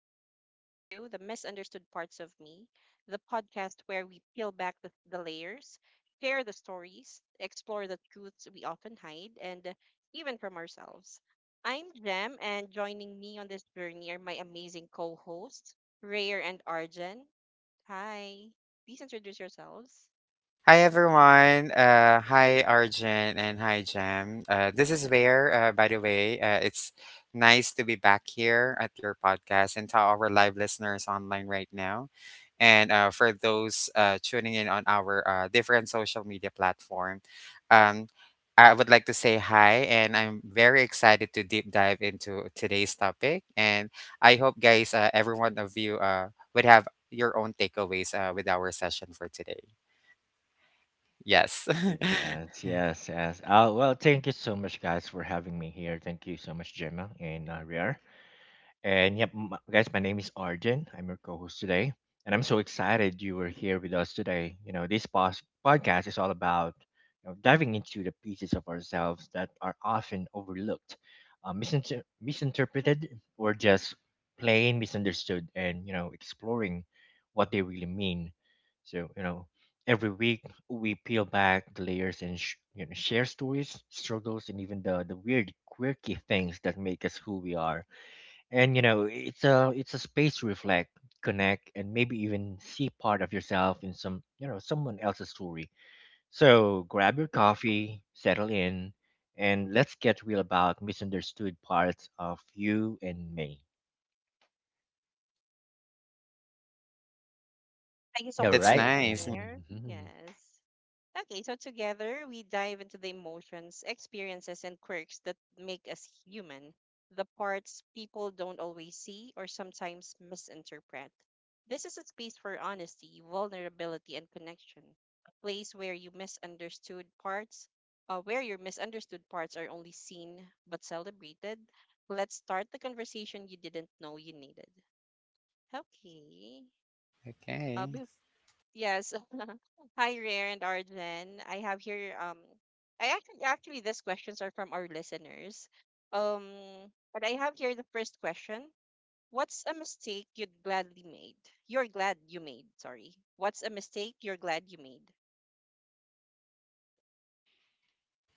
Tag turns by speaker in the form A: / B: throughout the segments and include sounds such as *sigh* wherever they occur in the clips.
A: and welcome to the Misunderstood Parts of Me, the podcast where we peel back the layers, share the stories, explore the truths we often hide, and even from ourselves. I'm Jem, and joining me on this journey are my amazing co hosts, Rayer and Arjan. Hi, please introduce yourselves.
B: Hi everyone. Hi Arjun and hi Jem. This is Bear. By the way, it's nice to be back here at your podcast and to our live listeners online right now, and for those tuning in on our different social media platform. Um, I would like to say hi, and I'm very excited to deep dive into today's topic. And I hope, guys, every one of you would have your own takeaways with our session for today. Yes. *laughs*
C: Yes, yes, yes. Well, thank you so much, guys, for having me here. Thank you so much, Gemma and Riar. And yep, guys, my name is Arjun. I'm your co-host today, and I'm so excited you were here with us today. You know, this podcast is all about you know, diving into the pieces of ourselves that are often overlooked, misinterpreted, or just plain misunderstood, and you know, exploring what they really mean. So you know, every week we peel back the layers and you know share stories, struggles, and even the weird, quirky things that make us who we are, and you know it's a space to reflect, connect, and maybe even see part of yourself in some you know someone else's story. So grab your coffee, settle in, and let's get real about misunderstood parts of you and me.
A: Thank you so
B: Yeah,
C: All
A: much,
B: that's
C: right.
A: Arjan and
B: nice.
A: Rayer.
C: Mhm.
A: Yes. Okay, so together we dive into the emotions, experiences, and quirks that make us human, the parts people don't always see or sometimes misinterpret. This is a space for honesty, vulnerability, and connection, a place where where your misunderstood parts are only seen but celebrated. Let's start the conversation you didn't know you needed. Okay. Uh,
B: Okay.
A: Yes. *laughs* Hi, Rare and Arjen. I have here I actually these questions are from our listeners. Um but I have here the first question. What's a mistake you'd gladly made? You're glad you made, sorry. What's a mistake you're glad you made?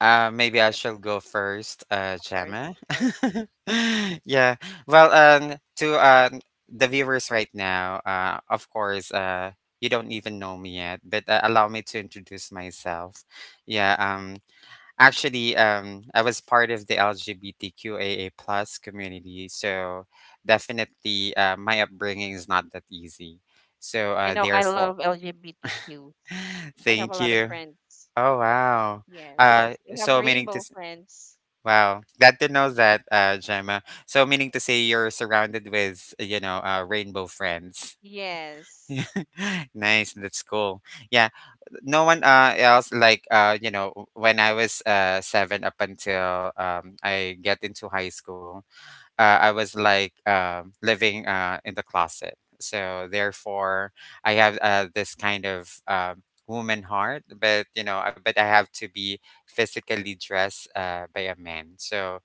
B: Maybe I
A: Yep,
B: shall go first,
A: of course.
B: Gemma.
A: Sure. Mhm,
B: *laughs*
A: mhm.
B: Yeah. Well, to the viewers right now, of course, you don't even know me yet, but allow me to introduce myself. Yeah. Actually, I was part of the LGBTQAA plus community, so definitely, my upbringing is not that easy. So,
A: You know, I
B: therefore,
A: love LGBTQs.
B: *laughs*
A: I have a
B: thank
A: lot of
B: you.
A: friends.
B: Oh wow.
A: Yes. I have
B: So meaning
A: rainbow friends.
B: wow. Glad to know that, Gemma. So meaning to say you're surrounded with, you know, rainbow friends.
A: Yes,
B: *laughs* Nice, that's cool. Yeah, no one else like you know when I was 7 up until I get into high school, I was like living in the closet. So therefore, I have this kind of woman heart, but you know, but I have to be physically dressed by a man. So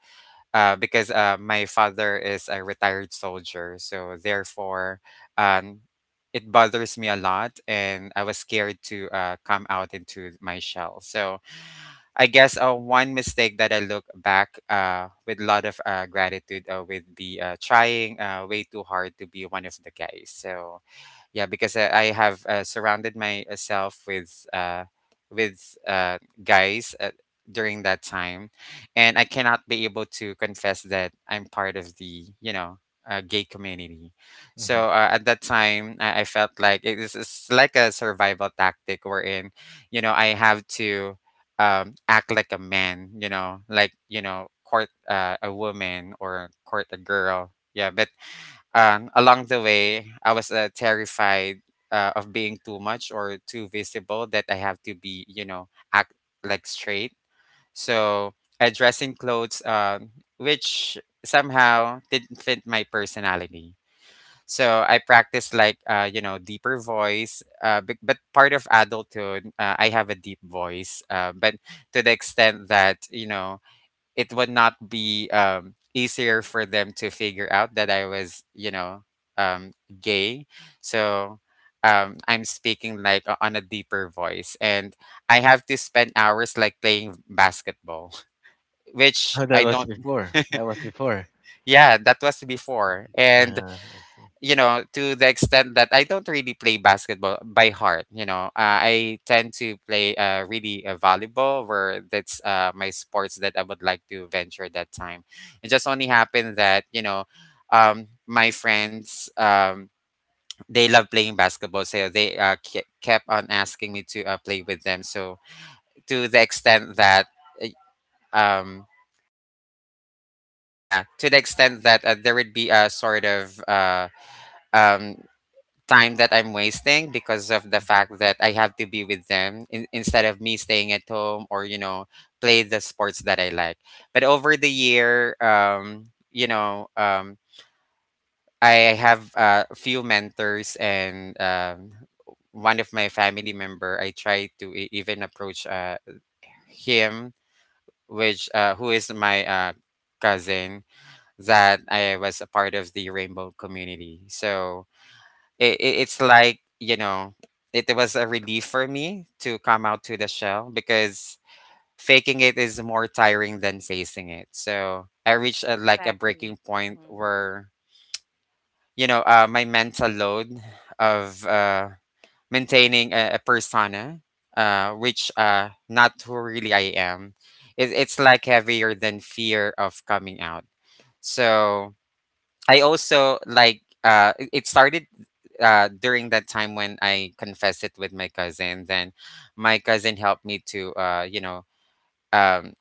B: because my father is a retired soldier, so therefore, um, it bothers me a lot, and I was scared to come out into my shell. So I guess one mistake that I look back with a lot of gratitude with the trying way too hard to be one of the guys. So yeah, because I have surrounded myself with guys during that time, and I cannot be able to confess that I'm part of the, gay community.
C: Mhm.
B: So at that time, I felt like it's like a survival tactic wherein I have to act like a man, court a woman or court a girl. Yeah, but along the way, I was terrified of being too much or too visible, that I have to be, you know, act like straight. So I dress in clothes, which somehow didn't fit my personality. So I practice like, you know, deeper voice. But part of adulthood, I have a deep voice, but to the extent that, you know, it would not be easier for them to figure out that I was, you know, um, gay. So I'm speaking like on a deeper voice, and I have to spend hours like playing basketball, *laughs* which
C: Oh, that
B: I
C: was
B: don't.
C: before
B: *laughs*
C: that was before
B: Yeah, that was before, and
C: I see.
B: you know, to the extent that I don't really play basketball by heart. You know, I tend to play really volleyball, where that's my sports that I would like to venture that time. It just only happened that you know, my friends, they love playing basketball, so they kept on asking me to play with them. So to the extent that, uh, um, yeah, to the extent that there would be a sort of um, time that I'm wasting because of the
C: Mhm.
B: fact that I have to be with them in, instead of me staying at home or you know play the sports that I like. But over the year, you know, I have a few mentors and one of my family member. I try to even approach him, which who is my cousin, that I was a part of the rainbow community. So it's like, you know, it was a relief for me to come out to the shell, because faking it is more tiring than facing it. So I reached like a
A: exactly.
B: breaking point where you know my mental load of maintaining a persona, which not who really I am. It's like heavier than fear of coming out. So I also like it started during that time when I confessed it with my cousin. Then my cousin helped me to, um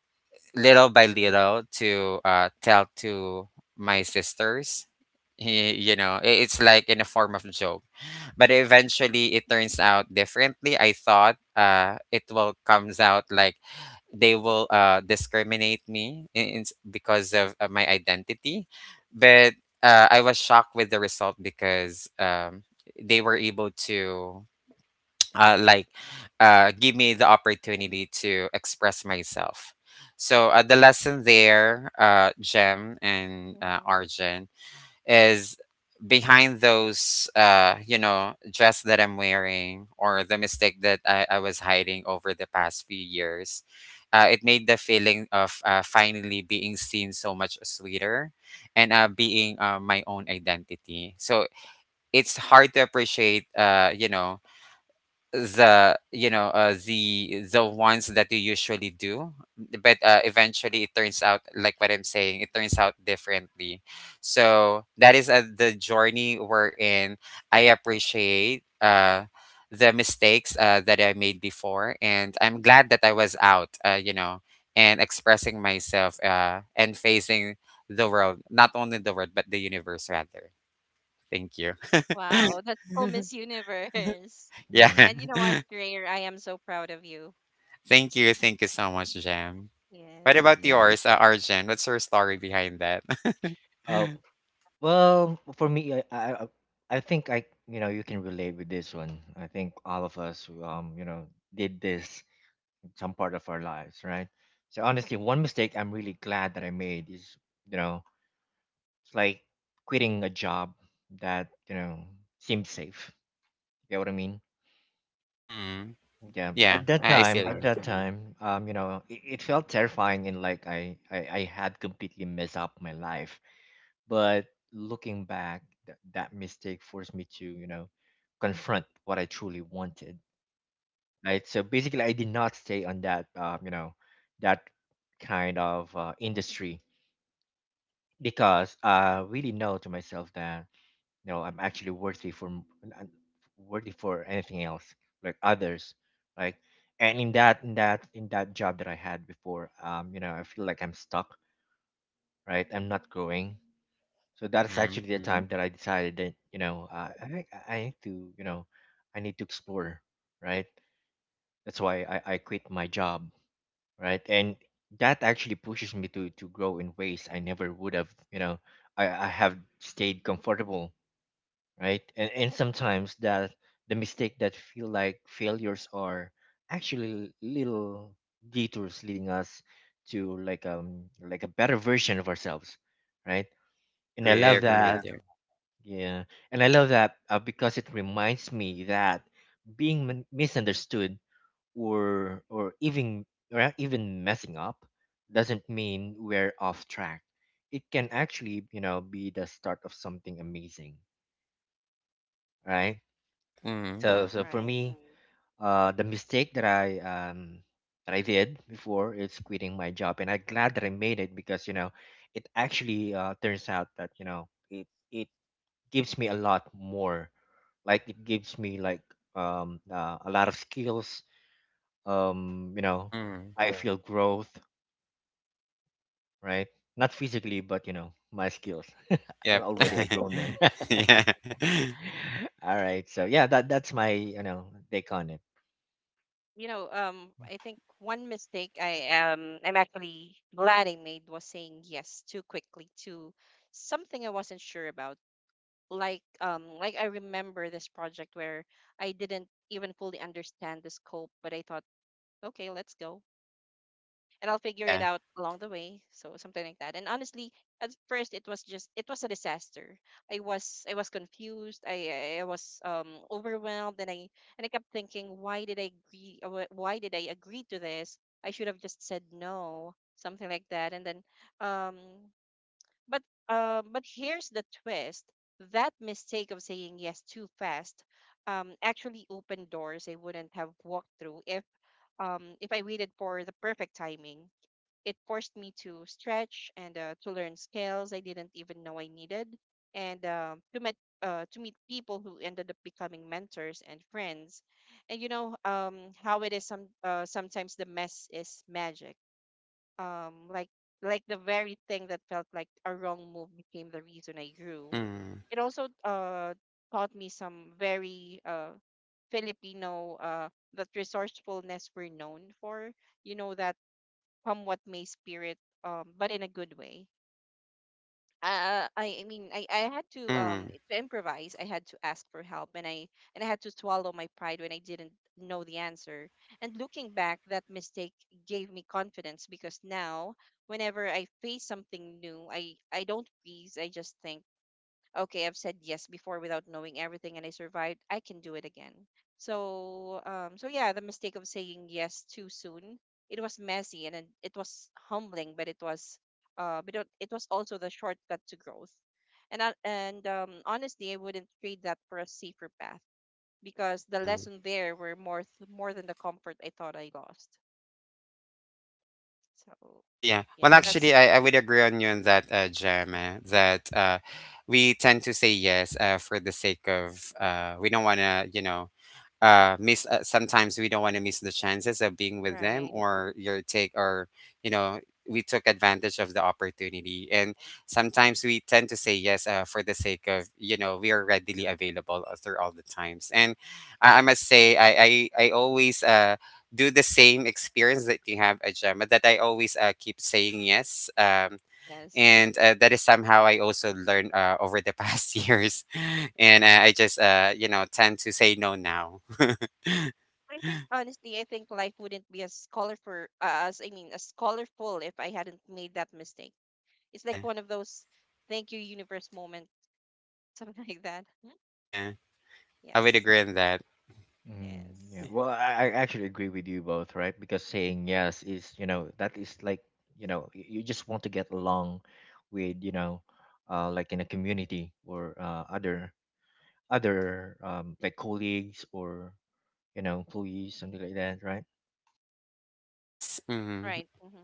B: little by little, to tell to my sisters. You know, it's like in a form of joke. But eventually it turns out differently. I thought it will comes out like they will discriminate me because of my identity. But I was shocked with the result because they were able to *tsk* like give me the opportunity to express myself. So the lesson there, Jem and
A: Mm-hmm.
B: Arjun, is behind those dress that I'm wearing or the mistake that I was hiding over the past few years. It made the feeling of finally being seen so much sweeter, and being my own identity. So it's hard to appreciate, you know, the the ones that you usually do, but eventually it turns out like what I'm saying, it turns out differently. So that is the journey we're in. I appreciate the mistakes that I made before, and I'm glad that I was out, you know, and expressing myself and facing the world, not only the world but the universe rather. Thank you.
A: Wow, that's *laughs* so Miss Universe.
B: *laughs*
A: *laughs*
B: Yeah.
C: Yeah.
A: And you know
B: *laughs*
A: what, Rare, I am so proud of you.
B: Thank you, thank you so much, Jam. What
A: Yes.
B: about
C: Yeah.
B: yours, Arjen? What's your story behind that? *laughs*
C: Oh, well, for me, I think I, you know, you can relate with this one. I think all of us, you know, did this in some part of our lives, right? So honestly, one mistake I'm really glad that I made is, you know, it's like quitting a job that, you know, seemed safe. You get what I mean?
B: Mm.
C: Yeah.
B: Yeah,
C: At that
B: I
C: time,
B: feel
C: at
B: you.
C: that time, you know, it felt terrifying and like I had completely messed up my life. But looking back, that mistake forced me to, you know, confront what I truly wanted. Right. So basically, I did not stay on that, you know, that kind of industry, because I really know to myself that you know I'm actually worthy for worthy for anything else, like others, like, and in that in that in that job that I had before, you know, I feel like I'm stuck. Right. I'm not growing. So that's
B: Mm.
C: actually the, mm-hmm, time that I decided that you know I think I need to you know I need to explore, right? That's why I quit my job, right? And that actually pushes me to grow in ways I never would have. You know, I have stayed comfortable, right? And sometimes that the mistake that feel like failures are actually little detours leading us to like like a better version of ourselves, right?
B: I
C: And I
B: agree. I
C: love, yeah,
B: agree
C: that
B: with you.
C: yeah, and I love that because it reminds me that being misunderstood or or even messing up doesn't mean we're off track. It can actually, you know, be the start of something amazing, right?
B: Yep. Mm.
C: So yeah, so for
A: Right.
C: me, the mistake that I that I did before is quitting my job, and I'm glad that I made it because you know, it actually turns out that you know it gives me a lot more, like it gives me like a lot of skills, um, you know,
B: Mm.
C: I feel growth, right? Not physically, but you know my skills. *laughs* I'm
B: Yep.
C: already, yeah, a grown man.
B: *laughs* Yeah. *laughs*
C: *laughs* All right, so yeah, that that's my you know take on it.
A: I think one mistake I'm actually glad I made was saying yes too quickly to something I wasn't sure about. Like I remember this project where I didn't even fully understand the scope, but I thought, okay, let's go. And I'll figure it
B: Yeah.
A: out along the way. So something like that. And honestly, at first it was a disaster. I was confused. I was overwhelmed, and I kept thinking, why did I agree? Why did I agree to this? I should have just said no, something like that. And then um, but but here's the twist. That mistake of saying yes too fast actually opened doors I wouldn't have walked through if I waited for the perfect timing. It forced me to stretch and to learn skills I didn't even know I needed, and to meet people who ended up becoming mentors and friends. And how it is sometimes the mess is magic. Um, like like the very thing that felt like a wrong move became the reason I grew.
B: Mm.
A: It also taught me some very Filipino that resourcefulness we're known for. You know that from what may spirit, but in a good way. I mean, I had
B: Mm.
A: to improvise. I had to ask for help, and I had to swallow my pride when I didn't know the answer. And looking back, that mistake gave me confidence because now, whenever I face something new, I don't freeze. I just think, okay, I've said yes before without knowing everything and I survived, I can do it again. So, so yeah, the mistake of saying yes too soon. It was messy and it was humbling, but but it was also the shortcut to growth. And I, and Honestly, I wouldn't trade that for a safer path because the
B: Mm.
A: lesson there were more than the comfort I thought I lost. So,
B: Oh yeah.
A: yeah,
B: Well,
C: Yeah.
A: that's
B: actually, I would agree on you on that, Jem,
A: mhm,
B: that we tend to say yes for the sake of, we don't want to, you know, miss, sometimes we don't want to miss the chances of being with them
A: right,
B: or your take, or you know we took advantage of the opportunity, and sometimes we tend to say yes for the sake of, you know, we are readily available through all the times. And I
A: right,
B: must say, I always do the same experience that you have, a that I always keep saying yes, um
A: yes.
B: and uh, that is somehow I also learned over the past *laughs* years. And I just, you know, tend to say no now.
A: I think honestly, I think life wouldn't be as colorful, as colorful if I hadn't made that mistake. It's like
B: Yeah,
A: one of those thank you universe moment, *laughs* something like that. Mhm.
B: yeah, I would
A: Yes,
B: agree on that.
C: Mm, yeah,
A: yes,
C: well, I actually agree with you both, right? Because saying yes is you know that is like you know you just want to get along with you know like in a community or other like colleagues or you know, employees, something like that, right?
B: Yes, mhm.
A: right. Mm-hmm.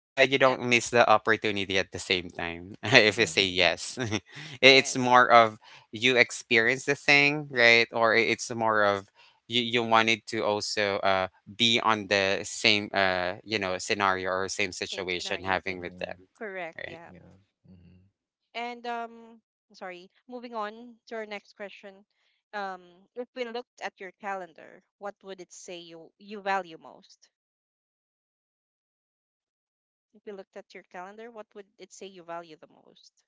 B: And you
A: Um,
B: don't miss the opportunity at the same time *laughs* if you
C: Yeah,
B: say yes. *laughs* It's
A: yes,
B: more of, you experience the thing, right? Or it's more of you wanted to also be on the same, scenario, or same
A: same
B: situation
A: scenario.
B: having with
C: yeah,
B: them,
A: Correct.
B: right?
A: Yeah.
C: yeah. Mm-hmm.
A: And sorry. Moving on to our next question. Um, if we looked at your calendar, what would it say you value most? If you looked at your calendar, what would it say you value the most?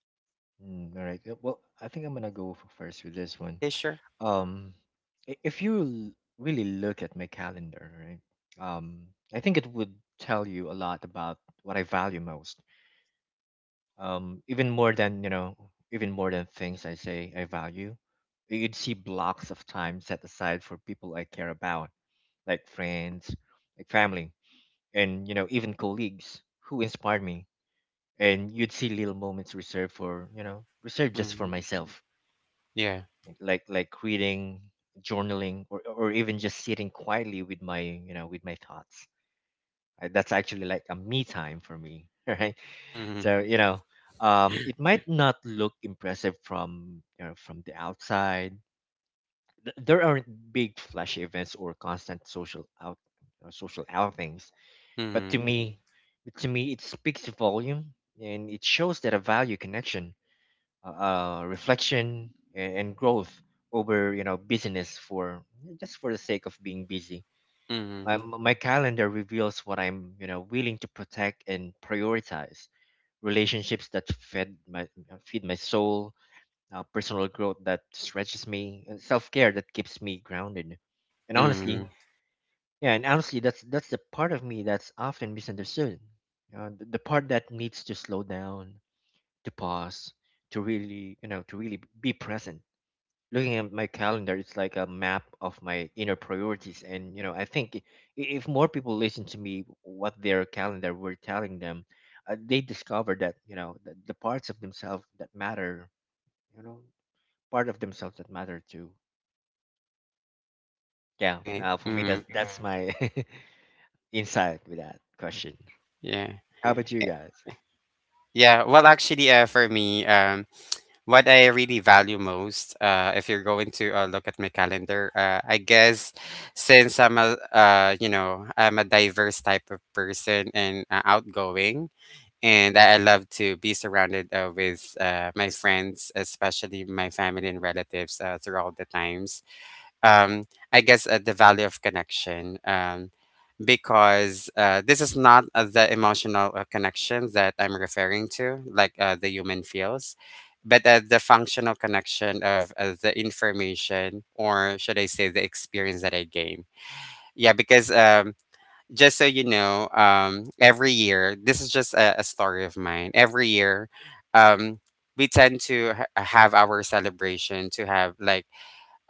C: Mm, all right. Well, I think I'm gonna go first with this one.
B: Okay, sure.
C: Um, I- if you l- really look at my calendar, right? Um, I think it would tell you a lot about what I value most. Even more than you know, even more than things I say I value. You'd see blocks of time set aside for people I care about, like friends, like family, and you know, even colleagues who inspired me, and you'd see little moments reserved for you know reserved just for
B: Hmm.
C: myself,
B: Yeah.
C: like reading, journaling, or even just sitting quietly with my you know with my thoughts. That's actually like a me time for me. *laughs* Right,
B: Mm-hmm.
C: so you know it might not look impressive from you know from the outside. There aren't big flashy events or constant social outings, but to
B: Mm-hmm.
C: me but to me it speaks volume, and it shows that a value connection, reflection and growth over you know busyness for just for the sake of being busy.
B: Mm-hmm.
C: My calendar reveals what I'm you know willing to protect and prioritize: relationships that fed my feed my soul, personal growth that stretches me, and self-care that keeps me grounded. And
B: Mm-hmm.
C: honestly, yeah, and honestly that's the part of me that's often misunderstood, the part that needs to slow down, to pause, to really you know to really be present. Looking at my calendar, it's like a map of my inner priorities, and you know if more people listen to me what their calendar were telling them, they discover that you know the parts of themselves that matter, you know, part of themselves that matter too. Yeah,
B: Right.
C: for me, mm, that
B: Mm-hmm.
C: that's yeah, my *laughs* insight with that question.
B: Yeah.
C: How about you
B: Eh,
C: guys?
B: Yeah, well, actually, for me, what I really value most, if you're going to look at my calendar, I guess, since I'm a diverse type of person and outgoing, and I love to be surrounded with my friends, especially my family and relatives throughout the times. Um, I guess the value of connection. Because this is not the emotional connection that I'm referring to, like the human feels, but the functional connection of the information, or should I say, the experience that I gain. Yeah, because just so you know, every year — this is just a story of mine. Every year, um, we tend to have our celebration to have like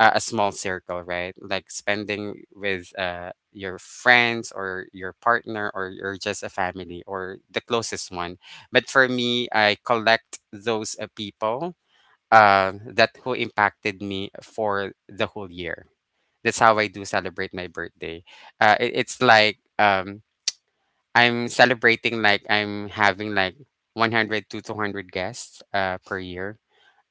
B: a small circle, right? Like spending with your friends or your partner or you're just a family or the closest one. But for me, I collect those people that who impacted me for the whole year. That's how I do celebrate my birthday. It's like, I'm celebrating like I'm having like 100 to 200 guests per year,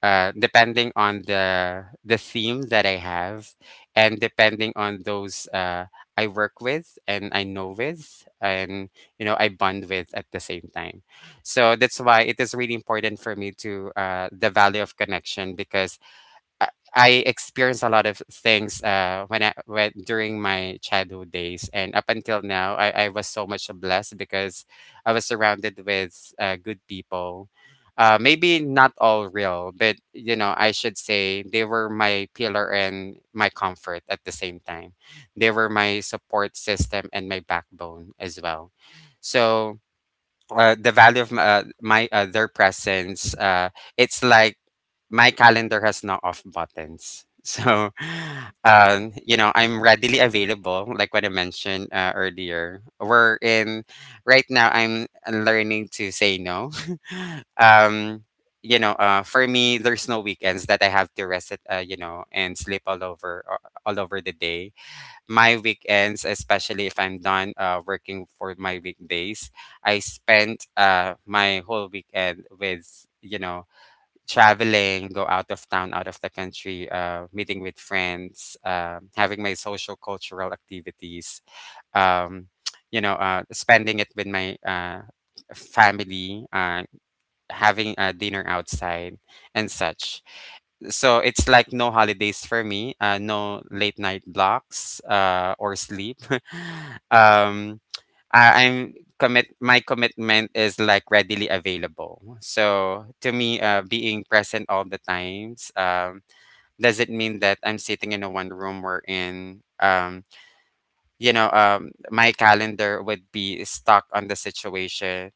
B: depending on the theme that I have, and depending on those I work with and I know with, and you know I bond with at the same time. So that's why it is really important for me to the value of connection, because I I experienced a lot of things when I when during my childhood days and up until now. I was so much blessed, because I was surrounded with good people. Maybe not all real, but I should say they were my pillar and my comfort at the same time. They were my support system and my backbone as well. So, the value of my their presence, it's like my calendar has no off buttons. *laughs* So, I'm readily available like what I mentioned earlier. We're in Right now I'm learning to say no. *laughs* um, for me there's no weekends that I have to rest it, and sleep all over the day. My weekends, especially if I'm done working for my weekdays, I spent my whole weekend with, traveling, go out of town, out of the country, meeting with friends, having my social cultural activities, um, *tsk* spending it with my family, having a dinner outside and such. So it's like no holidays for me, no late night blocks, or sleep. *laughs* um I, I'm commit my commitment is like readily available, so to me, being present all the times, doesn't mean that I'm sitting in a one room or in you know my calendar would be stuck on the situation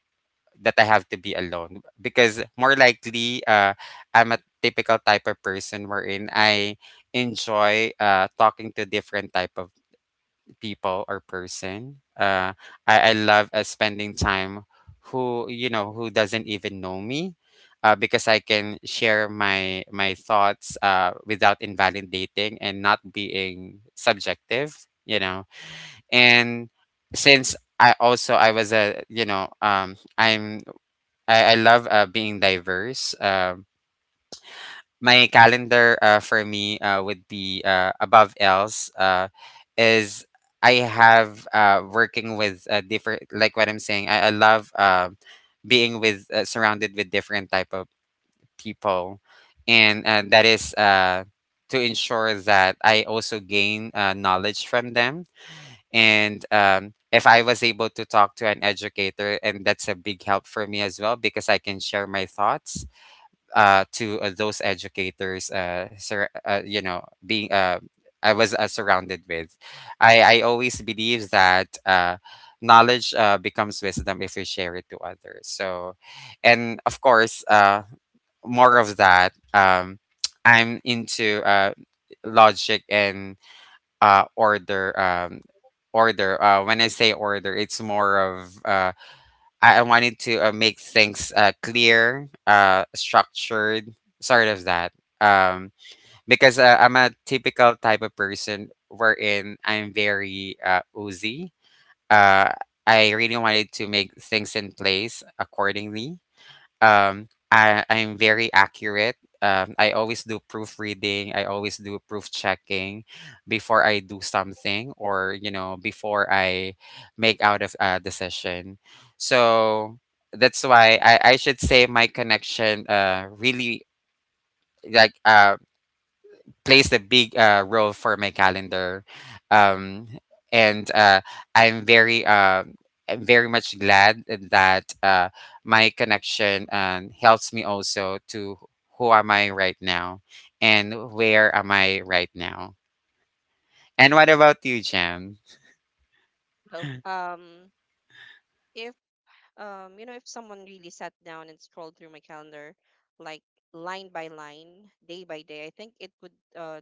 B: that I have to be alone, because more likely, I'm a typical type of person wherein I enjoy talking to different type of people or person. I love spending time who doesn't even know me. Because I can share my thoughts, without invalidating and not being subjective. And since I also I was a you know I'm I love being diverse. My calendar, for me with the, above else is I have, working with different, like what I'm saying. I love, being with surrounded with different type of people, and that is to ensure that I also gain knowledge from them. And if I was able to talk to an educator, and that's a big help for me as well, because I can share my thoughts, to those educators. Sur- you know, being I was surrounded with. I always believe that, knowledge, becomes wisdom if we share it to others. So, and of course, more of that. *tsk* I'm into, logic and, order. Order. When I say order, it's more of, I wanted to make things, clear, structured, sort of that. Um, because, I'm a typical type of person wherein I'm very, oozy. Uh, I really wanted to make things in place accordingly. I'm very accurate. I always do proofreading. I always do proof checking before I do something, or before I make out of a decision. So that's why I should say my connection, really, like plays a big, role for my calendar. Um, and I'm very uh, I'm very much glad that, my connection, helps me also to who am I right now, and where am I right now. And what about you, Jam?
A: Oh, if you know, if someone really sat down and scrolled through my calendar, like line by line, day by day, I think it would uh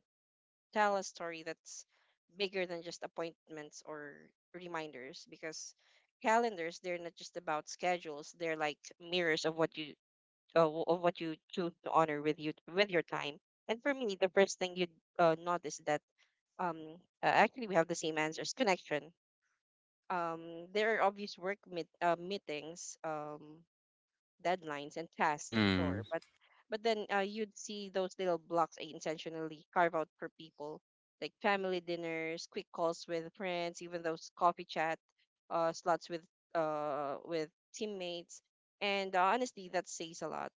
A: tell a story that's bigger than just appointments or reminders because calendars, they're not just about schedules, they're like mirrors of what you choose to honor with you with your time. And for me, the first thing you'd notice that um actually we have the same answers, connection. There are obvious meetings, deadlines and tasks, sure,
B: Mm.
A: but then you'd see those little blocks I intentionally carve out for people like family dinners, quick calls with friends, even those coffee chat slots with teammates. And honestly that says a lot,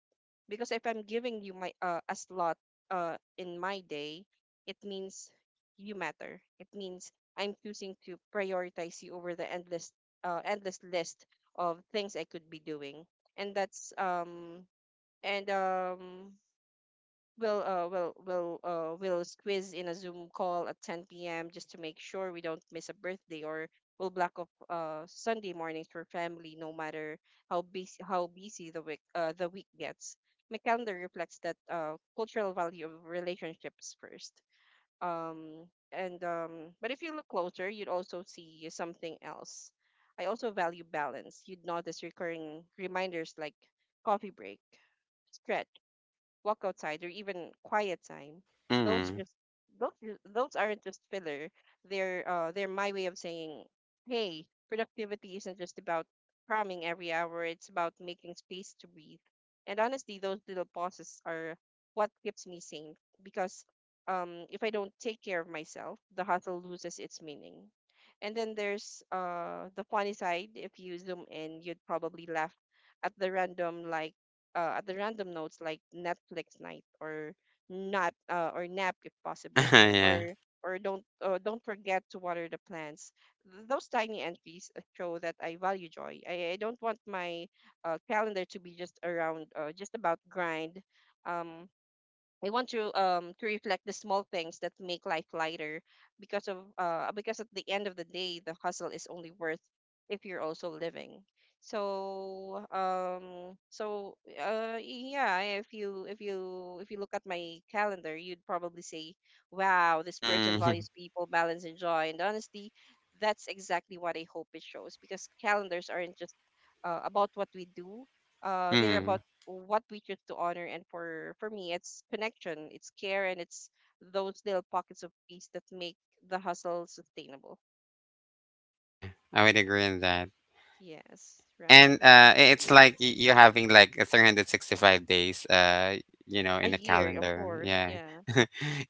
A: because if I'm giving you my a slot in my day, it means you matter. It means I'm choosing to prioritize you over the endless endless list of things I could be doing. And that's and We'll we'll squeeze in a Zoom call at 10 p.m. just to make sure we don't miss a birthday, or we'll block off Sunday mornings for family no matter how busy the week gets. My calendar reflects that cultural value of relationships first. Um and But if you look closer, you'd also see something else. I also value balance. You'd notice recurring reminders like coffee break, stretch, walk outside, or even quiet time. those
B: Mm.
A: just those aren't just filler. They're my way of saying, hey, productivity isn't just about cramming every hour. It's about making space to breathe, and honestly those little pauses are what keeps me sane, because if I don't take care of myself the hustle loses its meaning. And then there's the funny side. If you zoom in you'd probably laugh at the random like at the random notes like Netflix night, or nap if
B: *laughs*
A: possible,
B: Yeah.
A: or don't forget to water the plants. Those tiny entries show that I value joy. I don't want my calendar to be just around just about grind. Um, I want to reflect the small things that make life lighter because of because at the end of the day the hustle is only worth if you're also living. So yeah, if you look at my calendar you'd probably say wow, this person
B: Mm.
A: values
B: *laughs*
A: people, balance and joy. And honestly that's exactly what I hope it shows, because calendars aren't just about what we do. They're
B: Mm.
A: about what we choose to honor. And for me it's connection, it's care, and it's those little pockets of peace that make the hustle sustainable.
B: Yeah. I would
A: Yeah,
B: agree on that.
A: yes, right,
B: It's like you're having like a 365 days,
A: a
B: in a
A: year, of
B: calendar.
A: course,
B: Yeah.
A: yeah,
B: *laughs*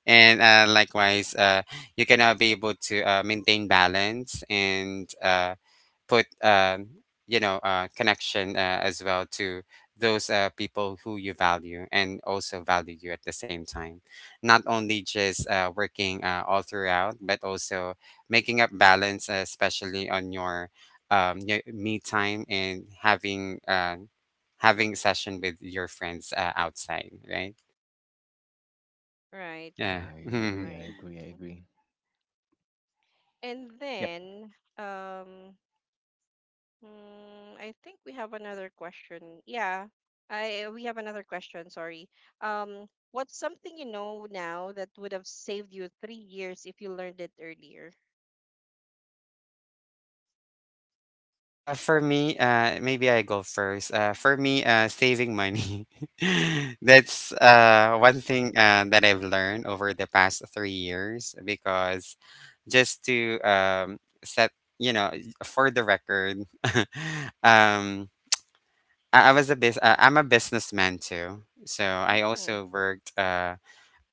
B: and Likewise, you cannot be able to, maintain balance and, put, connection, as well to those people who you value and also value you at the same time, not only just working, all throughout, but also making up balance, especially on your, your me time, and having session with your friends, outside, right?
A: right,
B: Yeah.
C: I agree.
B: *laughs*
C: I
A: right.
C: agree. I
A: Mhm.
C: agree.
A: And
C: Yep.
A: then um I think we have another question. Yeah, I we have another question, sorry. um what's something you know now that would have saved you 3 years if you learned it earlier? Yep,
B: For me, maybe I go first. For me, saving money. *laughs* That's one thing that I've learned over the past 3 years, because just to, set, you know, for the record. *laughs* um, I'm a businessman too. So I
A: mm,
B: also worked, uh,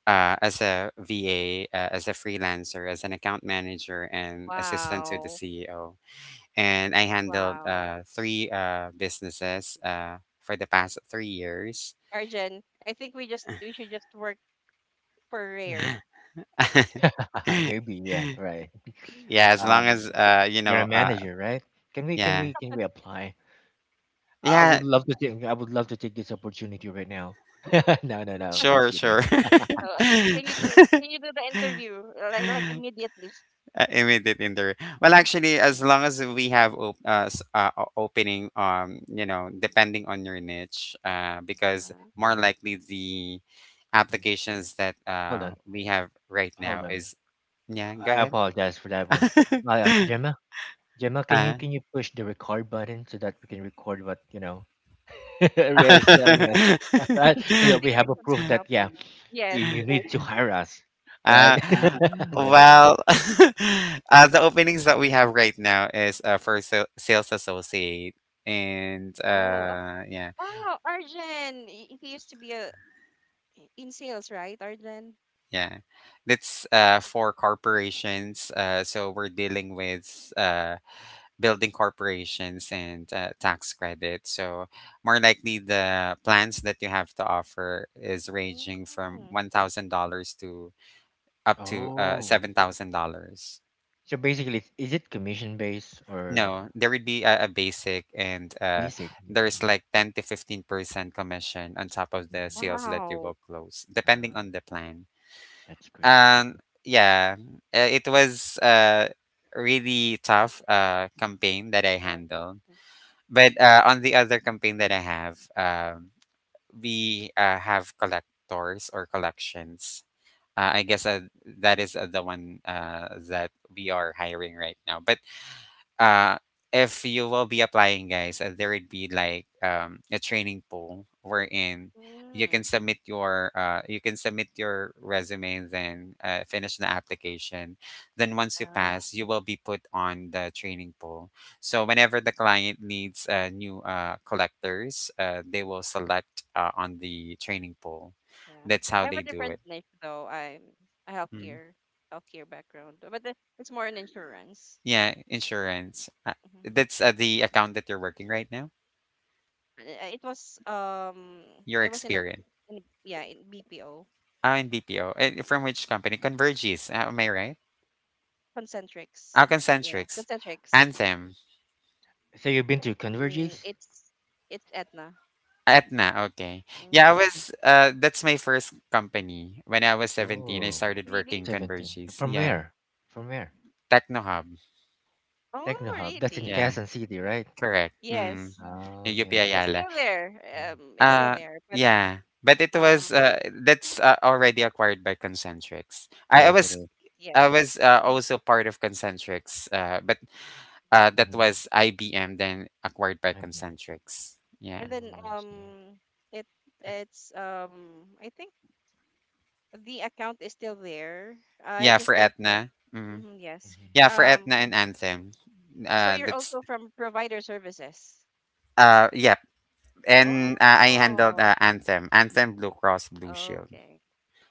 B: uh, as a VA, as a freelancer, as an account manager, and assistant to the
A: wow.
B: CEO. And I handled
A: Wow.
B: three businesses for the past 3 years.
A: Arjen, I think we just we should just work for rare.
C: Mhm.
B: *laughs*
C: *laughs* Maybe, yeah, right,
B: Yeah, as long as,
C: um, you're a manager, right? can we can
B: yeah,
C: we can we apply?
B: yeah,
A: *laughs*
C: I would love to take this opportunity right now. *laughs* No, no, no. I'm just
B: sure,
C: kidding.
B: sure. *laughs*
A: Uh,
B: uh,
A: can you do the interview like immediately?
B: Immediate in the, well, actually, as long as we have opening, you know, depending on your niche,
A: Uh,
B: because
A: *laughs*
B: more
C: Mm,
B: likely the
C: mm.
B: applications that
C: Hold on,
B: we have right now
C: hold on.
B: is. Yeah. Go
C: I
B: ahead.
C: apologize for that one. Uh,
B: *laughs*
C: Gemma, Gemma, can you
B: uh
C: can you push the record button so that we can record what you know *laughs* Rare's
B: *laughs*
C: telling us, *laughs*
B: uh,
C: right? So
A: I
C: that we
A: think we
C: have a
A: should
C: proof that
A: stop.
C: yeah,
A: Yes.
C: you need to *laughs* hire us. All right. *laughs* No, no, no.
B: well, *laughs* the openings that we have right now is for sales associate, and,
A: Oh, oh,
B: yeah,
A: wow, Arjen. He used to be a in sales, right, Arjen?
B: yeah, that's for corporations. So we're dealing with, building corporations and, tax credit. So more likely, the plans that you have to offer is ranging from
A: Mm,
B: $1,000 to up to,
C: Oh,
B: $7,000.
C: so basically, is it commission based or
B: No, there would be a, basic, and,
C: basic? Mhm,
B: there's
C: mhm.
B: like 10 to 15% commission on top of the
C: Mhm.
B: sales that you
A: wow.
B: will close, depending
C: Uh,
B: on the plan.
C: that's great. That's—
B: And yeah, it was a really tough, campaign that I
A: Yes.
B: handled. But, on the other campaign that I have, we have collectors or collections. I guess, that is the one that we are hiring right now. But, uh if you will be applying, guys, there would be like, a training pool wherein
A: Mm,
B: you can submit your resume, and then finish the application. Then once you
A: oh,
B: pass, you will be put on the training pool, so whenever the client needs new collectors, they will select on the training pool.
A: yeah.
B: That's how
A: I have a
B: they do
A: different
B: it.
A: niche though. I'm a
B: Mm.
A: healthcare background, but the- it's more in insurance.
B: Yeah, insurance.
A: Mm-hmm.
B: That's the account that you're working right now.
A: Uh, It was
B: Your
A: I was in a
B: experience.
A: in yeah in BPO.
B: Ah, in BPO. Eh, from which company? Convergys, am I right?
A: Concentrics
B: Ah,
A: yeah
B: Concentrics.
A: Concentrics, yeah.
B: Anthem.
C: So you've been to
A: Mm,
C: Converges?
A: it's Etna.
B: Etna. Okay. Yeah,
A: Mm.
B: that's my first company. When I was 17, I
C: Oh,
B: started
A: Really.
B: working
C: 17.
B: Convergys.
C: From
B: Yeah.
C: where? From where?
B: Technohub.
C: Techno
A: Oh,
C: Hub. That's in
A: really.
B: Yeah,
C: Quezon City, right?
B: correct. Mm,
A: Yes,
C: Oh,
B: in UP
C: yeah.
A: it's
B: Ayala.
A: still
C: Yeah.
A: there. It's still
B: Uh,
A: there, but
B: yeah.
A: um,
B: That's already acquired by Concentrics. I, I
C: Yes, it
B: was,
C: is.
A: yeah.
B: I was uh,
A: Mhm,
B: also part of Concentrics. But,
A: mhm.
B: that
C: Mm-hmm.
B: was IBM, then acquired by
C: I've been.
B: Concentrics. Yeah.
A: And then
C: Oh, I see.
A: um, it it's um, I think the account is still there, I
B: Yeah, for
A: just don't know.
B: Etna. Mm.
A: Hmm, yes.
B: Yeah, for
C: Mm-hmm.
A: Um,
B: Etna and Anthem.
A: so you're
B: That's
A: also from provider services.
B: Yeah, and, I handled,
A: Oh,
B: Anthem, Anthem Blue Cross Blue Shield.
A: okay.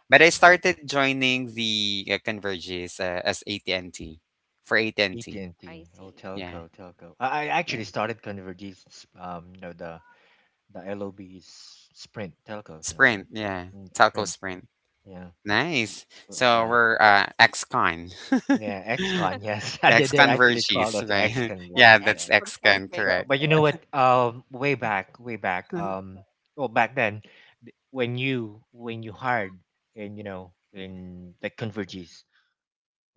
B: But I
C: Mm-hmm.
B: started joining the, Converges, as AT&T for AT&T.
C: AT&T.
A: I
C: Oh,
A: see.
B: Yeah,
A: Mhm.
C: telco, telco. I
B: yeah.
C: actually started Convergence, no the, the LOB is Sprint, telco, so yeah.
B: Sprint. Yeah,
C: Mm,
B: Telco
C: Sprint,
B: Sprint.
C: yeah.
B: Nice. So
C: Yeah,
A: Yes.
B: we're, XCon,
C: yeah, XCon, yes.
B: *laughs*
C: *laughs* They're actually called
B: XConverges,
C: us
B: right?
C: XCon.
B: *laughs*
A: And
B: Yeah, that's
A: ex
B: XCon,
A: concentric.
B: correct.
C: But you know what? Way back, way back.
B: *laughs*
C: Well, back then, when you hired in you know in like Converges,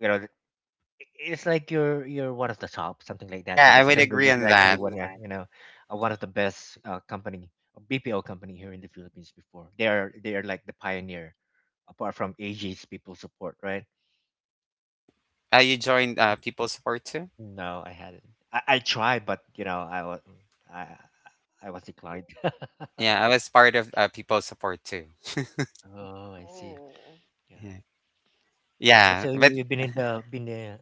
C: you know, it's like you're one of the top, something like that,
B: Yeah, I
C: because
B: would agree
C: Converges is
B: on
C: actually
B: that.
C: one of you know one of the best company BPO company here in the Philippines. Before they are like the pioneer, apart from AG's people support, right?
B: Like, you joined People's Support too?
C: No, I hadn't. I tried, but you know, I I was declined. *laughs*
B: Yeah, I was part of People Support too.
C: Oh, I see.
A: Oh,
C: Yeah.
B: Yeah.
C: So,
B: Yeah,
C: so
B: but
C: you've been in the been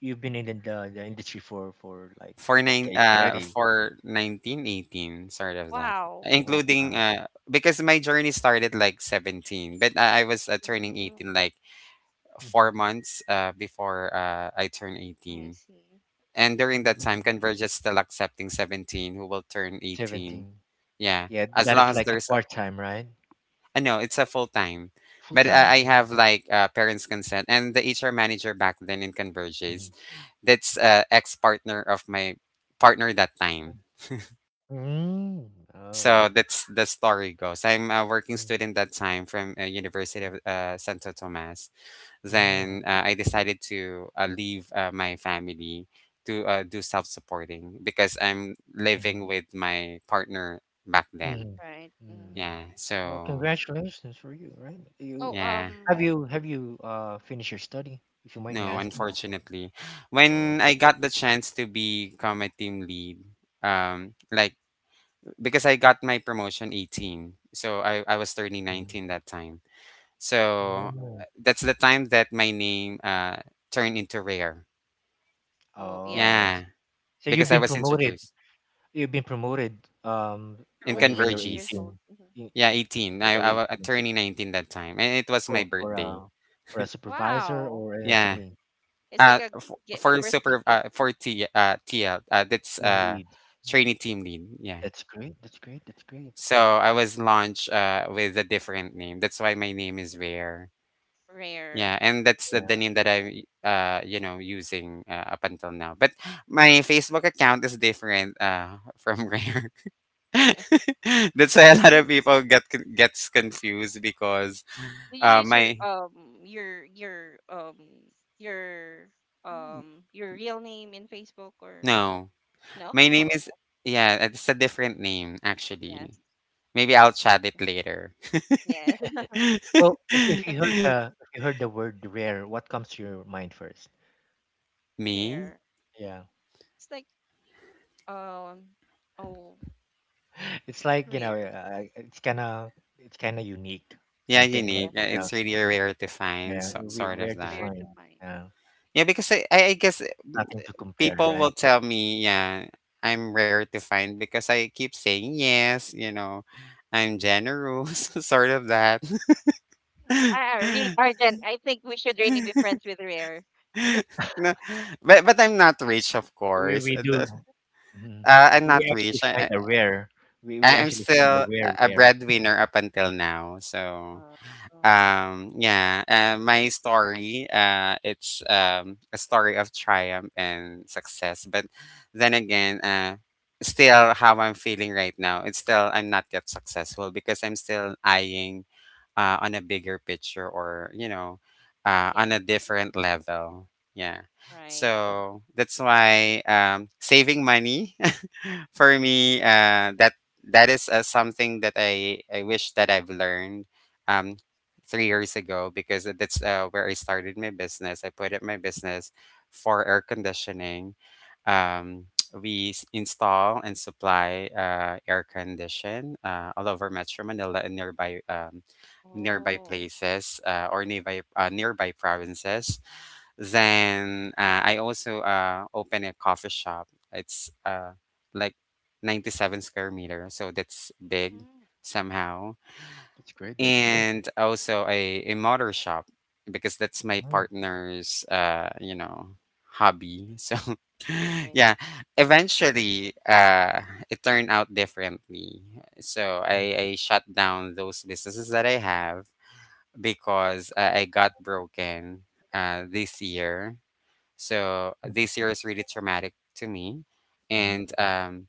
C: you've been in the industry for like decades already.
B: for 1918, sort of that.
A: wow.
C: Oh
B: Including,
C: wow.
B: because my journey started like 17, but I was turning
A: Mm,
B: 18 like
C: Mm-hmm.
B: 4 months before I turned
A: I
B: 18.
A: see.
B: And during that time,
C: Mm.
B: Converge is still accepting 17 who will turn 18.
C: 17.
B: Yeah.
C: Yeah,
B: As
C: that
B: long
C: is
A: Yeah.
B: as
C: like a
B: there's a.
C: part time, right?
B: No, it's a full time.
C: Full
B: But I,
C: time.
B: I
C: Oh.
B: have like, parents' consent, and the HR manager back then in Converge is,
C: Mhm.
B: that's ex partner of my partner that time.
C: Mm. Oh.
B: So that's the story goes. I'm a working
C: Mm.
B: student that time, from University of Santo Tomas. Then,
C: Mhm.
A: Mm,
B: I decided to leave my family to do self supporting, because I'm living
C: Mhm.
B: with my partner back then.
C: Mhm.
A: right. Mm.
C: Mm.
B: Yeah.
C: Well,
B: So
C: congratulations for you, right? You
A: Oh,
B: yeah.
C: have you have you finished your study, if you mind me
B: No,
C: asking? No.
B: unfortunately. When
C: Oh.
B: I got the chance to become a team lead, um, like because I got my promotion 18, so I was turning
C: Mm.
B: 19 that time.
C: Yeah.
B: So
C: Mm.
B: that's the time that my name, turned into Rare.
A: oh,
C: Oh,
A: yeah.
C: I—
B: Yeah,
C: So you've
B: because
A: *laughs*
B: I
C: been
B: was
C: promoted.
B: introduced
C: You've been promoted um
A: You're
B: in
A: only
C: when you're
A: 18 years
B: Converges.
A: old.
C: 18.
A: Mhm.
C: you-
B: Yeah,
A: Because-
B: 18.
C: When
B: I,
C: you're
B: I was
C: 18
B: turning 19 that time, and it was my
C: for for
B: birthday.
C: a for a supervisor
A: Wow.
C: or an
B: Yeah.
C: SME,
A: It's like a, gi- a
B: For
A: birthday
B: super
A: gift.
B: for T TL, that's,
C: team lead. Mm,
B: trainee team lead. Yeah.
C: that's great. That's great. That's great.
B: So I was launched, with a different name. That's why my name is Rare.
A: Rare.
B: Yeah, and that's the,
C: Yeah.
B: the
A: It's
B: name that
A: rare.
B: I'm using, up until now. But my Facebook account is different from *laughs* Rare. *laughs*
A: Yeah. *laughs*
B: That's why a lot
A: Did
B: of people gets confused, because
A: Do you use your
B: my
A: your your real name in Facebook, or
B: no
A: no?
B: my
A: *laughs*
B: name is,
A: Okay.
B: yeah, it's a different name actually.
A: Yes.
B: Maybe I'll chat it later.
A: Yes.
C: Well, if you heard the if you heard the word rare, what comes to your mind first?
B: *laughs* Me?
A: Rare.
C: Yeah.
A: It's like um, oh,
C: *laughs* It's
A: it's
C: like, you know,
A: rare.
C: it's kind of unique.
B: Yeah,
C: Something like,
B: unique.
A: Yes.
C: you know,
B: It's really
A: And it's
B: rare to find,
C: yeah,
B: so,
C: we-
B: sort of
C: rare to
A: rare
B: that.
C: find.
A: to find.
C: Yeah.
B: Yeah, because I guess
C: Nothing to compare,
B: people will
C: right?
B: tell me, yeah, I'm rare to find, because I keep saying yes, you know, I'm generous, *laughs* sort of that. *laughs*
A: Ah, really, Arjen. I think we should really be friends with Rare. In the
B: No, but I'm not rich, of course.
C: We do. Mhm.
B: I'm
C: We
B: not rich.
C: actually find
B: I,
C: a rare. We
B: I I'm
C: actually find a
B: still
C: rare
B: a
C: rare.
B: breadwinner up until now, so.
A: oh, oh,
B: Yeah, my story, it's a story of triumph and success. But then again, still how I'm feeling right now, it's still I'm not yet successful because I'm still eyeing on a bigger picture, or, you know, on
A: yes.
B: a
A: Mhm,
B: different level. Yeah.
A: right.
B: So that's why, saving money, *laughs* for me, that, that is something that I wish that I've learned um, 3 years ago, because that's where I started my business. I put up my business for air conditioning. Um, we install and supply, air condition, all over Metro Manila and nearby, nearby
A: Oh.
B: places, or nearby, nearby provinces. Then, I also, open a coffee shop. It's, like, 97 square meter, so that's big
A: Mm,
B: somehow.
C: That's great. That's great.
B: And also a motor shop, because that's my
C: Mm,
B: partner's, you know, hobby. So, *laughs*
A: right.
B: yeah, eventually, it turned out differently. So I,
C: mm,
B: I shut down those businesses that I have, because, I got broken, this year, so,
C: mhm,
B: this year is really traumatic to me.
C: mhm,
B: And,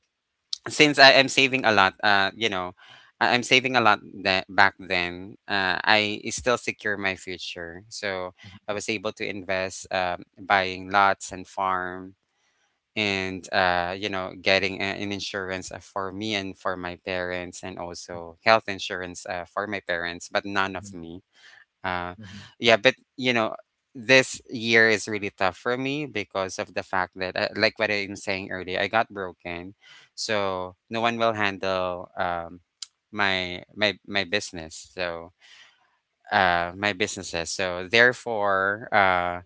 B: since I am saving a lot, I'm saving a lot, that back then. I still secure my future, so I was able to invest, buying lots and farm, and, getting an insurance, for me and for my parents, and
C: mhm,
B: also health insurance, for my parents, but none of
C: mhm,
B: me. uh,
C: mhm,
B: yeah, but, you know, this year is really tough for me because of the fact that, like what I'm saying earlier, I got broken, so no one will handle, *tsk* my business. So, my businesses. So therefore,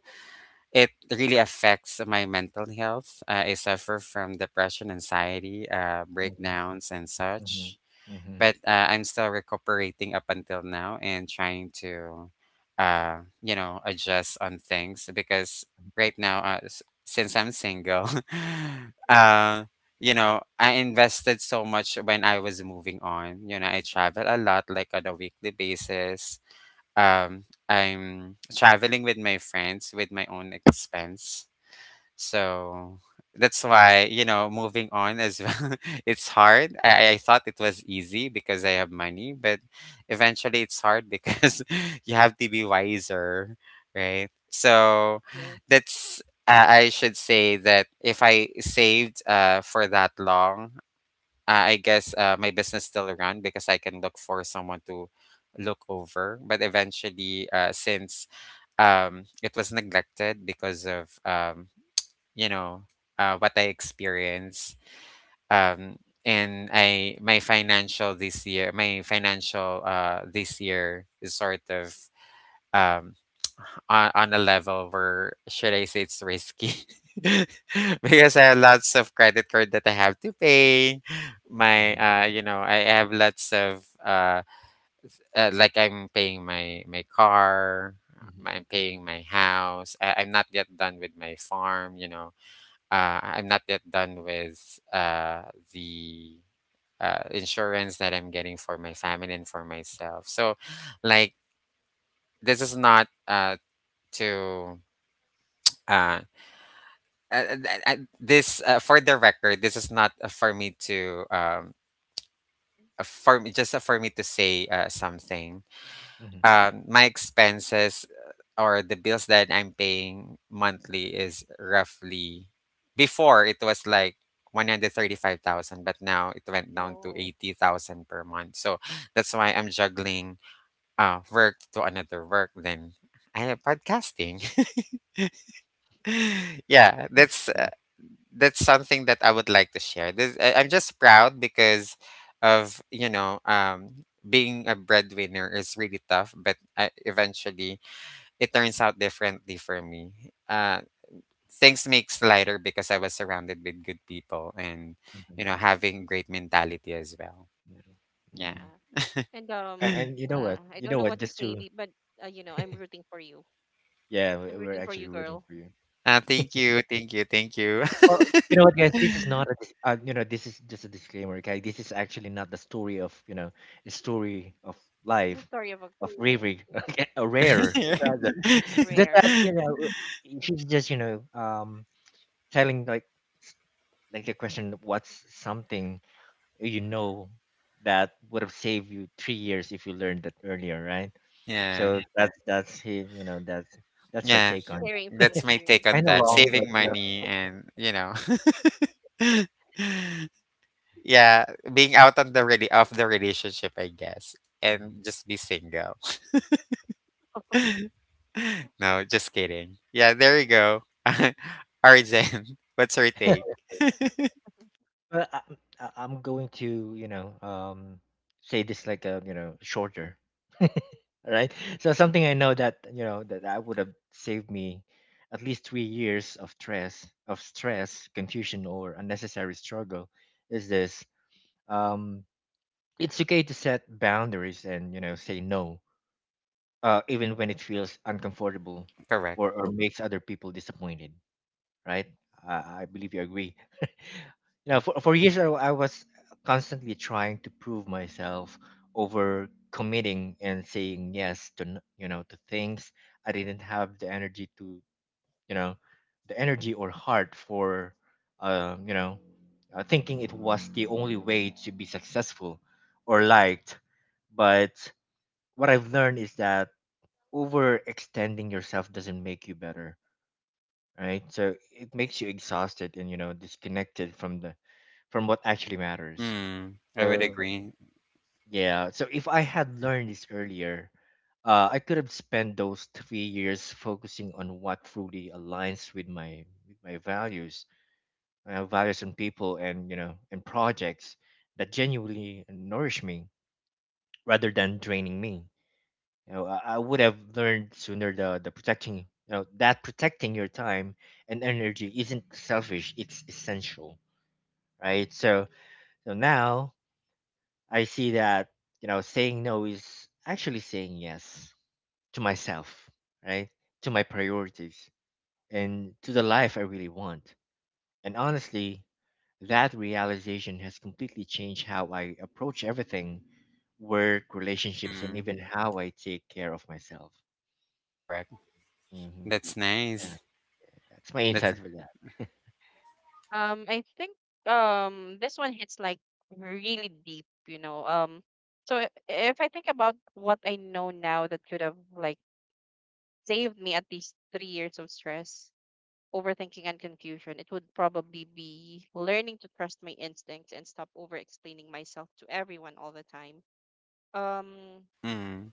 B: it really affects my mental health. I suffer from depression, anxiety,
C: mhm,
B: breakdowns, and
C: mhm,
B: such,
C: mhm,
B: but, I'm still recuperating up until now, and trying to, adjust on things, because right now, since I'm single, *laughs*
A: Mhm,
B: uh, I invested so much when I was moving on. You know, I travel a lot, like on a weekly basis. I'm traveling with my friends with my own expense, so that's why, you know, moving on as well, *laughs* it's hard. I thought it was easy because I have money, but eventually it's hard because, *laughs* you have to be wiser, right? So
A: yes.
B: that's, I should say that if I saved, for that long, I guess, my business still run because I can look for someone to look over. But eventually, since, it was neglected because of, you know what I experience. Um, and I my financial this year, my financial, this year is sort of, um, *tsk* on a level where, should I say, it's risky, *laughs* because I have
A: Oh.
B: lots of credit card that I have to pay. My,
C: mhm,
B: you know, I have lots of, like, I'm paying my car.
C: mhm,
B: I'm paying my house. I'm not yet done with my farm, you know, I'm not yet done with, the, insurance that I'm getting for my family and for myself. So, like, this is not, to. Uh, this, for the record, this is not, for me to, for me just, for me to say, something.
C: mhm.
B: My expenses, or the bills that I'm paying monthly is roughly, before it was like 135,000, but now it went down to
A: Oh.
B: 80,000 per month. So that's why I'm juggling work to another work, then I have podcasting.
A: Yeah.
B: *laughs* Yeah, that's,
C: Yeah.
B: that's something that I would like to share. This, I'm just proud because of, you know, being a breadwinner is really tough, but I, eventually it turns out differently for me. Things makes lighter because I was surrounded with good people, and,
C: Mhm,
B: you know, having great mentality as well.
C: yeah,
B: Yeah.
C: mhm.
A: Yeah. And
C: A-
B: *gasps* *laughs*
C: And you know what?
A: I
C: You
A: don't
C: know
A: know
C: what?
A: what to
C: Just
A: say,
C: to—
A: be- but you know, I'm rooting for you.
C: yeah,
A: I'm
C: we're
A: rooting for
C: actually
A: you,
C: rooting
A: girl.
C: for you.
B: Thank you, thank you, thank you.
C: Well, you know what, guys? This is not a you know this is just a disclaimer, okay? This is actually not the story of you know the story of
A: It's a
C: life
A: story of a
C: of
A: mhm,
C: Riri, *laughs* okay? A rare *laughs*
B: *laughs*
C: rather. It's just
A: rare,
C: that you know she's just you know telling like s- like the question, what's something you know that would have saved you 3 years if you learned that earlier, right?
A: uh,
B: Yeah,
A: mhm,
C: So that's his you know that's her
B: yeah.
C: take on—
A: sharing from
B: That's my take
A: experience.
B: on
C: kind of
B: that.
C: long, but
B: Saving
C: you
B: money, and, you know, *laughs*
A: Yeah.
B: yeah, being out on the really of the relationship, I guess, and just be single.
A: *laughs*
B: *laughs* No, just kidding. Yeah, there you go. *laughs*
A: Mhm.
B: Arjen, *laughs* what's your
C: know.
B: take?
C: Well, I'm I'm going to, say this like a, shorter, *laughs* right? So something I know that, that I would have saved me at least 3 years of stress, confusion, or unnecessary struggle is this. Um, it's okay to set boundaries and, you know, say no, even when it feels uncomfortable
B: Correct.
C: or makes other people disappointed, right? I believe you agree. *laughs* You
B: Yeah.
C: know, for years I was constantly trying to prove myself, over committing and saying yes to you know, to things I didn't have the energy to, you know, the energy or heart for, you know, thinking it was the only way to be successful or liked. But what I've learned is that overextending yourself doesn't make you better, right? So it makes you exhausted and, you know, disconnected from the from what actually matters.
B: Mm, I would
C: So
B: agree.
C: yeah, so if I had learned this earlier, I could have spent those 3 years focusing on what truly aligns with my values, my values and people, and, you know, and projects that genuinely nourish me rather than draining me. You know, I would have learned sooner the protecting, you know, that protecting your time and energy isn't selfish, it's essential, right? So so now I see that, you know, saying no is actually saying yes to myself, right, to my priorities and to the life I really want. And honestly, that realization has completely changed how I approach everything: work, relationships, and
B: Mm,
C: even how I take care of myself.
B: correct.
C: Hmm.
B: That's nice.
C: That's my
A: Right.
B: That's,
C: insight for that.
A: I think this one hits like really deep, you know. So if I think about what I know now that could have like saved me at least 3 years of stress, overthinking and confusion, it would probably be learning to trust my instincts and stop over explaining myself to everyone all the time. Um,
B: mm,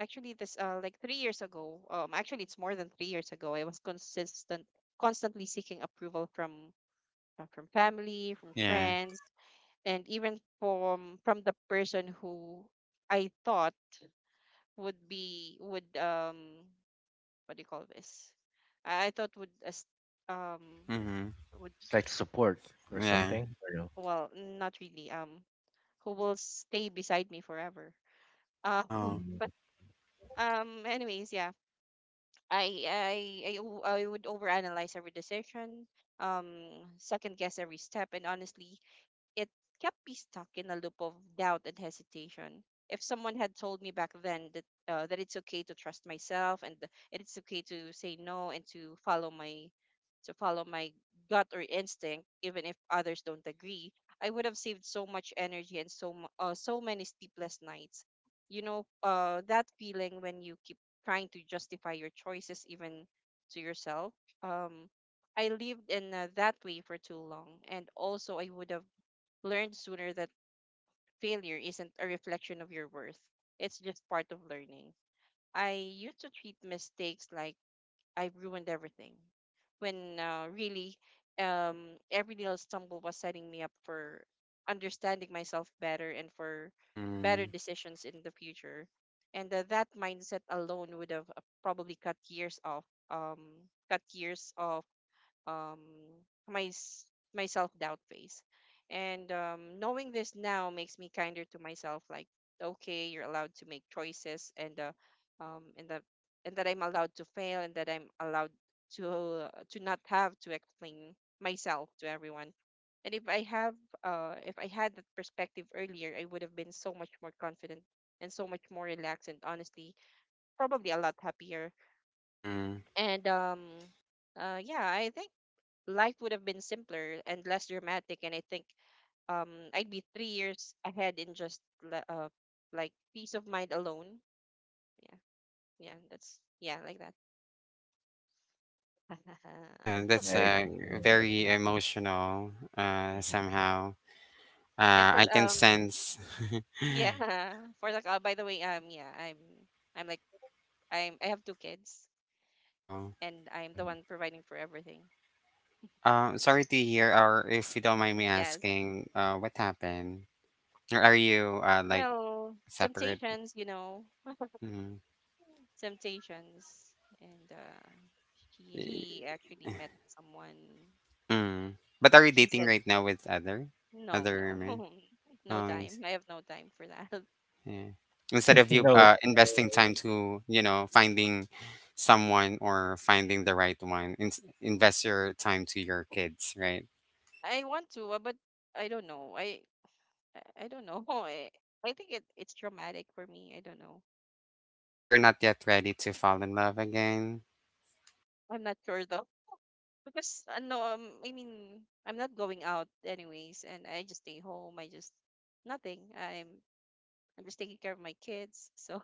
A: Actually, this like 3 years ago, actually it's more than 3 years ago. I was constantly seeking approval from family, from
B: yeah.
A: friends, and even from the person who I thought would be would what do you call this? I thought would as- um
B: Mm-hmm.
A: would
C: It's like support or
B: Yeah.
C: something. Or no.
A: well, not really, who will stay beside me forever. Um,
B: Oh.
C: Mm,
A: *laughs* anyways, yeah, I would overanalyze every decision, um, second guess every step, and honestly, it kept me stuck in a loop of doubt and hesitation. If someone had told me back then that it's okay to trust myself and it's okay to say no and to follow my gut or instinct, even if others don't agree, I would have saved so much energy and so many sleepless nights. You know, that feeling when you keep trying to justify your choices even to yourself. Um, I lived in that way for too long, and also I would have learned sooner that failure isn't a reflection of your worth. It's just part of learning. I used to treat mistakes like I ruined everything, when really every little stumble was setting me up for understanding myself better and for better
B: Mm.
A: decisions in the future. And that mindset alone would have probably cut years off, um, cut years of um my s- my self doubt phase, and knowing this now makes me kinder to myself, like, okay, you're allowed to make choices, and um and that and that I'm allowed to fail, and that I'm allowed to not have to explain myself to everyone. And if I had that perspective earlier, I would have been so much more confident and so much more relaxed and honestly probably a lot happier.
B: Mm.
A: And yeah, I think life would have been simpler and less dramatic, and I think I'd be 3 years ahead in just like peace of mind alone. Yeah. yeah that's yeah like that *laughs*
B: Yeah, that's
C: I completely get that.
B: very emotional,
C: Mhm,
A: Yeah.
B: somehow.
A: and for
B: I
A: the,
B: can
A: um
B: sense.
A: yeah, *laughs* for the by the way, yeah, I'm like I'm I have two kids,
B: *laughs* Oh.
A: and I'm the
C: mhm.
A: one providing for everything.
B: Sorry to hear, or if you don't mind me
A: Yes.
B: asking, what happened? Or are you, like,
A: Well,
B: separate?
A: temptations, you know,
B: Mm.
A: temptations. And uh he
B: Y-
A: he actually met someone.
B: Mm. But are you
A: He
B: dating
A: said.
B: right now with other
A: No,
B: other
A: no.
B: men?
A: *laughs* No
B: Oh.
A: time. I have no time for that. *laughs*
B: Yeah. Instead
C: *laughs*
B: of you,
C: No.
B: investing time to, you know, finding someone or finding the right one, invest your time to your kids, right?
A: I want to, but I don't know. I don't know. *laughs* I think it's traumatic for me. I don't know.
B: You're not yet ready to fall in love again.
A: I'm not sure though. Because no, I mean, I'm not going out anyways, and I just stay home. I just— nothing. I'm just taking care of my kids, so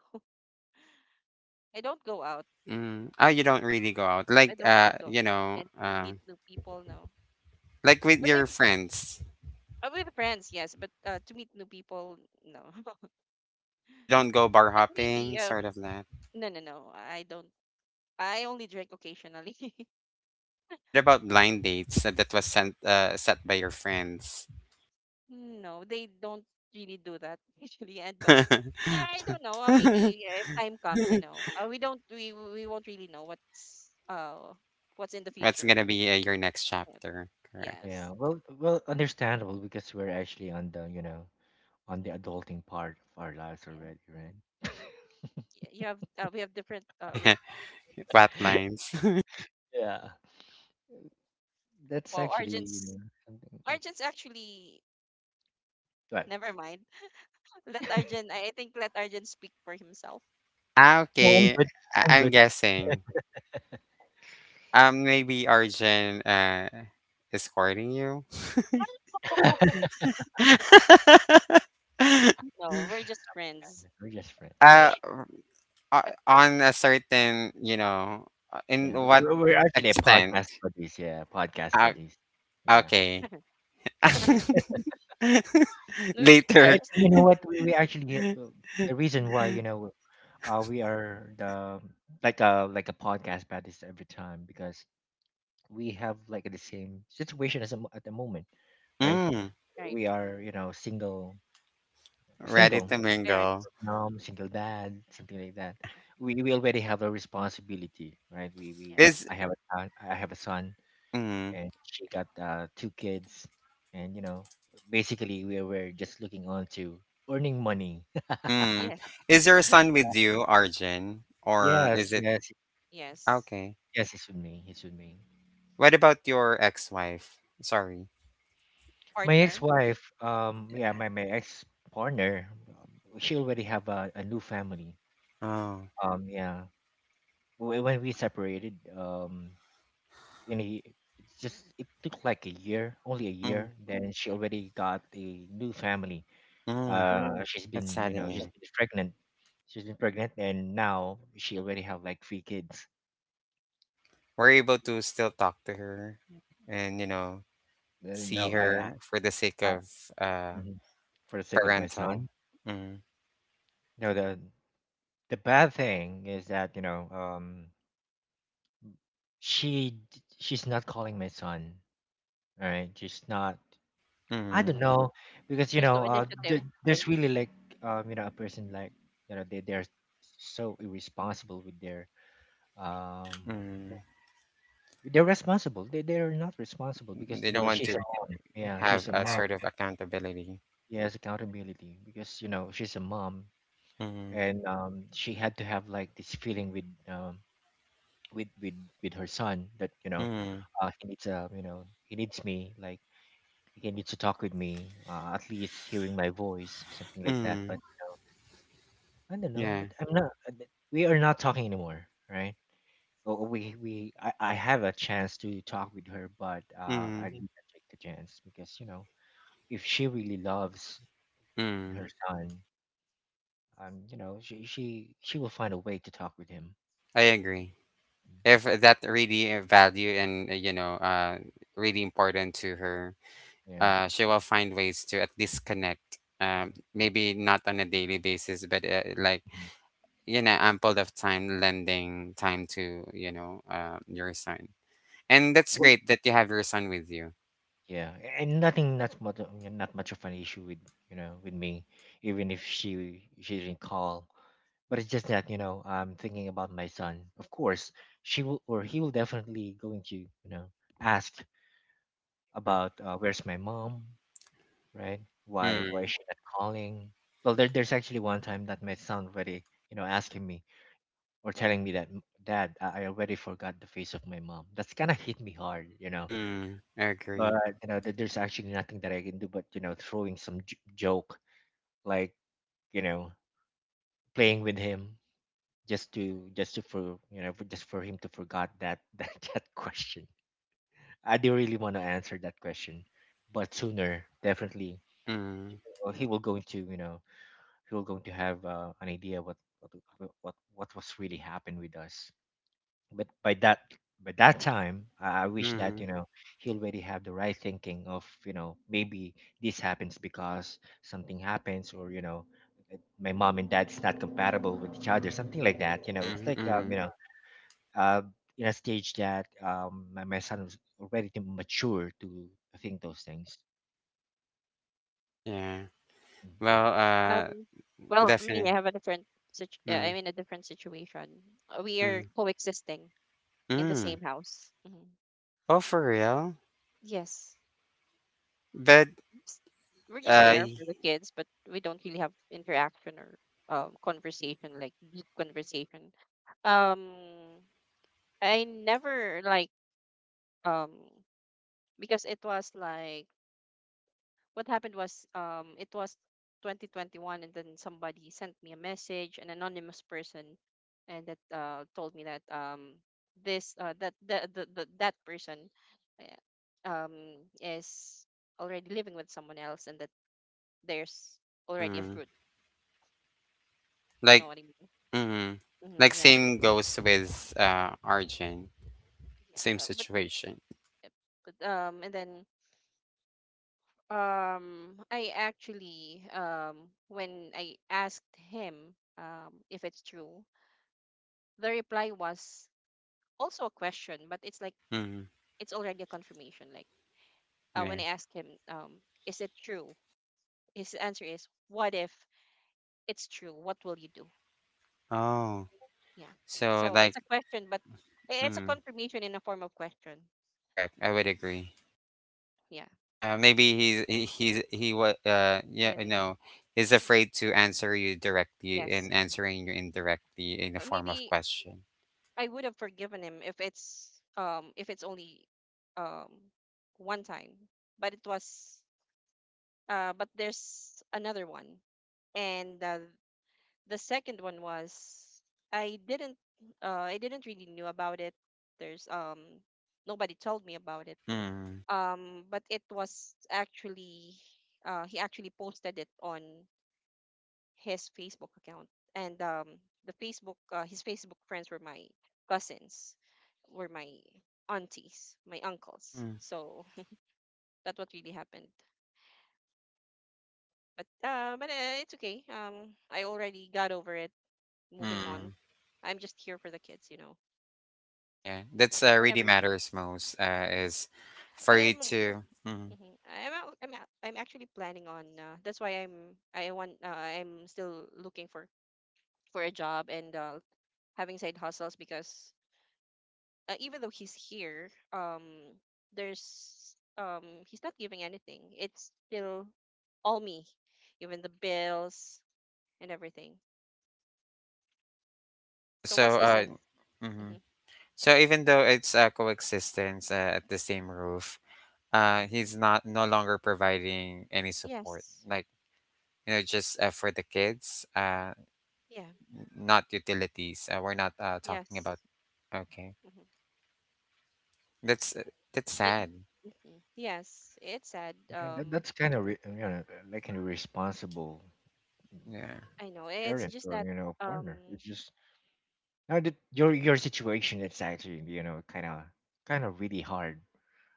A: *laughs* I don't go out.
B: Mm. Oh, you don't really go out.
A: I
B: Like,
A: don't really go
B: you
A: out
B: know,
A: and meet new people. No,
B: like, with
A: but if
B: your friends,
A: with friends, yes, but to meet new people, no. *laughs*
B: you don't go bar
A: But maybe
B: hopping, sort of that.
A: No, no, no. I don't. I only drink occasionally. *laughs*
B: What about blind dates that was sent, set by your friends? *laughs*
A: No, they don't really do that *laughs* usually. And but I don't know. Maybe if time comes, we don't. We won't really know what's what's in the
B: What's
A: future.
B: gonna be, your next
A: Yep.
B: chapter? Correct.
C: Yeah.
A: Yes.
C: Well, well, understandable because we're actually on the, you know, on the adulting part of our lives
A: Yeah.
C: already, right?
A: Yeah. You have. We have different.
B: *laughs*
A: S-
B: Fat lines.
C: Yeah. That's
A: Wow.
C: actually, you
A: Arjun's.
C: know, something. Mm,
A: Arjun's actually.
C: but
A: Never mind. *laughs* Let Arjun. I think let Arjun speak for himself.
B: Ah,
C: no, I'm
B: okay.
C: good. I'm
B: I'm
C: good.
B: guessing. Maybe Arjun is courting you.
A: *laughs* No, we're just friends.
C: *laughs* We're just friends. Yeah.
B: Uh, o- on a certain, you know, in
C: Yeah.
B: what
C: We're actually a podcast
B: extent?
C: buddies. Yeah. Podcast
B: Uh,
C: buddies. Yeah.
B: okay.
A: *laughs*
B: *laughs*
A: No, we
C: And
B: Later.
A: just met
C: you know
A: him.
C: what? We actually have, the reason why, you know, uh, we are the like a podcast about this every time because we have like the same situation as a at the moment, right?
B: Mm,
A: Right.
C: We are, you know, single, we're
B: ready to
C: single
A: Parents.
B: mingle.
C: mom,
A: Mhm.
C: single dad, something like that.
A: Mhm.
C: We already have a responsibility, right? We
B: Is
A: Yes.
C: I have a son, I have a son,
B: Mm,
C: and she got, two kids, and you know basically we're just looking on to earning money.
B: mm.
A: Yes.
B: Is your son with you, Arjun,
C: *laughs*
B: or
C: Yes,
B: is it
C: yes,
A: Yes.
B: okay?
C: yes. It's with me. It's with me.
B: What about your ex-wife? Sorry.
C: My
A: Partner.
C: ex-wife, yeah, my ex-partner, she already have a new family.
B: Oh.
C: Yeah. When we separated, in a, it's just it took like a year, only a
B: Mm,
C: year. Then she already got a new family.
B: mm.
C: Mm, she's
B: That's
C: been, you know, she's
B: saddening.
C: been pregnant. She's been pregnant, and now she already have like three kids.
B: We're able to still talk to her, and, you know,
C: No,
B: see her for the sake
C: I
B: of, uh
C: mhm, for the sake of my
B: parental.
C: son.
B: Mm,
C: No, the bad thing is that, you know, um, she's not calling my son. All right, she's not. I
B: mm,
C: don't know because, you
A: There's
C: know,
A: no
C: there,
A: initiative.
C: there's really like, you know, a person like, you know, they they're so irresponsible with their um
B: mm.
C: they're responsible. They're not responsible because,
B: They
C: you
B: don't
C: know,
B: want
C: she's
B: to
C: a mom. Yeah,
B: have
C: she's a *laughs*
B: a
C: mom.
B: sort of accountability.
C: She has accountability because, you know, she's a mom,
B: Mm,
C: and she had to have like this feeling with with with with her son that, you know,
B: mm,
C: he needs you know, he needs me, like he needs to talk with me, at least hearing my voice, something like that.
B: mm,
C: But I don't know.
B: yeah,
C: But I'm not. We are not talking anymore, right? Oh, oh, we I have a chance to talk with her, but I
B: mm.
C: didn't take the chance because, you know, if she really loves
B: Mm,
C: her son, you know, she will find a way to talk with him.
B: I agree.
C: Mm.
B: If that really a value, and, you know, really important to her,
C: Yeah.
B: she will find ways to at least connect. Maybe not on a daily basis, but, like,
C: Mhm.
B: you know, ample of time, lending time to, you know, your son, and
C: Yeah.
B: that's
C: Well,
B: great that you have your son with you.
C: yeah, and nothing that's much not much of an issue with, you know, with me, even if she didn't call. But it's just that, you know, I'm thinking about my son. Of course, she will or he will definitely going to, you know, ask
B: Mm,
C: about, where's my mom, right? Why
B: mm,
C: is she not calling? Well, there, there's actually one time that my son already, you know, asking me or telling me that, Dad, I already forgot the face of my mom." That's kind of hit me hard, you know,
B: mm, agree.
C: but, you know, there's actually nothing that I can do but, you know, throwing some joke, like, you know, playing with him, just to for, you know, for, just for him to forgot that *laughs* that, that question. I do really want to answer that question, but sooner definitely,
B: Mm,
C: he will going to, you know, he will going to have, an idea what was really happened with us. But by that time, I wish that,
B: mm,
C: you know, he already have the right thinking of, you know, maybe this happens because something happens, or, you know, it- my mom and dad is not compatible with each other, something like that, you know, it's
B: mm,
C: like, you
B: mm.
C: know, uh, in a stage that, my son was already too mature to think those things.
B: Yeah.
C: Mm.
B: Well,
A: Um, well, me,
B: definitely.
A: I have a different
B: Mm,
A: I'm in a different situation. We are
B: mm,
A: coexisting in the
B: mm.
A: same house. Hmm.
B: Oh, for real.
A: Yes.
B: But,
A: Just- We're just
B: uh
A: there for the
B: y-
A: kids, but we don't really have interaction or conversation, like deep conversation. Um, I never like— um because it was like, what happened was, it was 2021, and then somebody sent me a message, an anonymous person, and that told me that this, that the that person uh, um is already living with someone else, and that there's already a
B: mm,
A: fruit, you know
B: like,
A: what I mean.
B: mm,
A: Hmm.
B: like,
A: Yeah.
B: same goes with Arjun, same
A: Yeah, but
B: situation.
A: and then I actually, when I asked him if it's true, the reply was also a question, but it's like
B: Mm,
A: it's already a confirmation. Like,
B: yeah.
A: when I ask him, is it true? His answer is, "What if it's true? What will you do?"
B: Oh,
A: Yeah.
B: so
A: So
B: like.
A: it's a question, but it's a
B: Mm.
A: confirmation in a form of question.
B: Correct. I would agree.
A: Yeah.
B: Maybe he's he what
A: And
B: yeah
A: then,
B: no is afraid to answer you directly, and
A: yes.
B: answering you indirectly in the form of
A: Maybe
B: question.
A: I would have forgiven him if it's only um one time, but it was but there's another one, and the second one was— I didn't I didn't really knew about it. There's nobody told me about it.
B: Mm.
A: But it was actually he actually posted it on his Facebook account, and the Facebook his Facebook friends were my cousins, were my aunties, my uncles.
B: Mm.
A: So *laughs* that's what really happened. But it's okay. I already got over it. Moving on.
B: Mm.
A: I'm just here for the kids, you know.
B: Yeah, that's,
A: Whenever
B: really
A: you—
B: matters most,
A: hmm.
B: is for
A: But I'm—
B: you to. Mm.
A: mhm, I'm out. I'm out. I'm actually planning on— that's why I want— I'm still looking for a job, and having side hustles, because even though he's here, there's he's not giving anything. It's still all me, even the bills and everything. So what's
B: So,
A: the sense? Hmm.
B: mhm. So even though it's, coexistence, at the same roof,
A: Hmm.
B: he's not no longer providing any support.
A: Yes.
B: Like, you know, just, for the kids.
A: Yeah.
B: Not utilities. We're not, talking
A: Yes.
B: about. Okay,
A: Hmm.
B: that's uh, that's sad.
A: Mhm. Yes, it's sad.
C: Yeah, that, that's kind of you know, like an irresponsible, mm,
B: Yeah,
A: I know. It's
C: parent
A: just
C: or,
A: that
C: you know, partner.
A: um
C: It's just now that your situation it's actually, you know, kinda kinda really hard,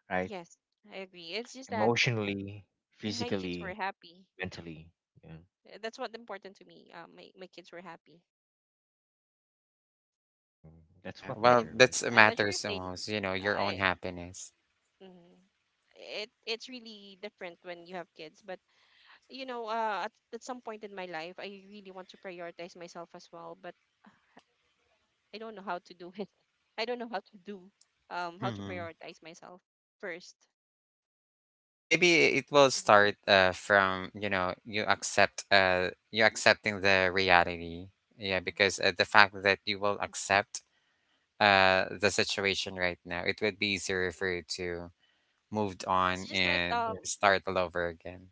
C: right?
A: yes, I agree. It's just that
C: Emotionally,
A: my kids were
C: physically,
A: happy.
C: mentally. Yeah.
A: That's what important to me. My kids were happy.
C: Mm, that's
B: yeah.
C: what
A: Even if—
B: Well,
C: matter, right?
B: that's,
A: I'm not sure if
B: matters the
A: they—
B: most. You know, your own
A: I—
B: happiness.
A: mm, it's really different when you have kids, but at some point in my life, I really want to prioritize myself as well, but I don't know how to do it. *laughs* I don't know how to do how to
B: Hmm.
A: prioritize myself first.
B: Maybe it will
A: Mhm.
B: start, from, you know, you accepting the reality. Yeah, because, the fact that you will accept the situation right now, it would be easier for you to moved
A: It's
B: on
A: just like
B: and
C: Yeah.
A: um
B: start all over again.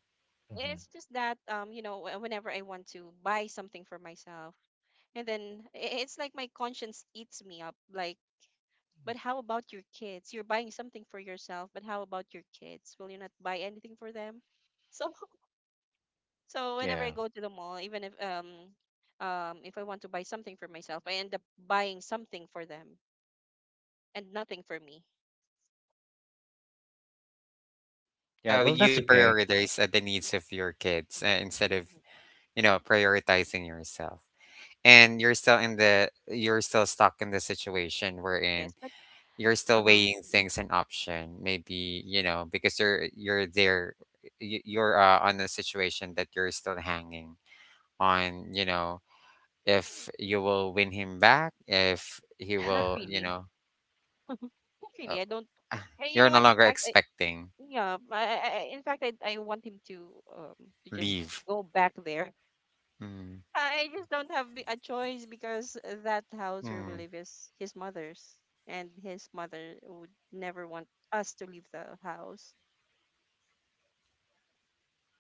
C: Hmm.
A: It's just that, whenever I want to buy something for myself, and then i- it's like my conscience eats me up. Like, but how about your kids? You're buying something for yourself, but how about your kids? Will you not buy anything for them? So, *laughs* so whenever I
C: Yeah.
A: go to the mall, even if I want to buy something for myself, I end up buying something for them and nothing for me.
B: Yeah, because,
C: Yeah,
A: Yeah.
C: well, that's
B: you
C: okay.
B: prioritize, the needs of your kids, instead of,
A: Mhm.
B: you know, prioritizing yourself, and you're still in the you're still stuck in the situation wherein
A: Yes, but
B: you're still
A: uh,
B: weighing things, an option maybe, you know, because you're there, you're, on the situation that you're still hanging on, you know, if you will win him back, if he
A: not
B: will,
C: *laughs*
B: you
A: really.
B: know,
A: *laughs* Not
B: uh,
A: really. I don't.
B: *sighs*
A: You
B: you're
A: know
B: no
A: what? In
B: longer
A: fact, I—
B: expecting,
A: yeah, I want him to just
B: leave.
A: go back there.
B: Mm,
A: I just don't have a choice, because that house where we
B: mm,
A: live is his mother's, and his mother would never want us to leave the house.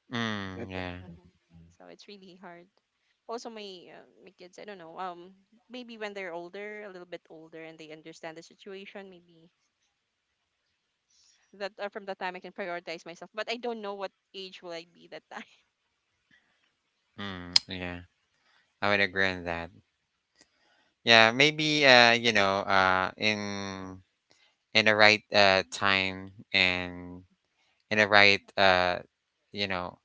B: mm,
C: That-
B: yeah,
C: mhm.
A: Hmm. So it's really hard. Also, my kids, I don't know. Maybe when they're older, a little bit older, and they understand the situation, maybe that from that time I can prioritize myself. But I don't know what age will I be that time.
B: mm, yeah. I would agree on that. Yeah, maybe, you know, in the right time, and in the right, you know,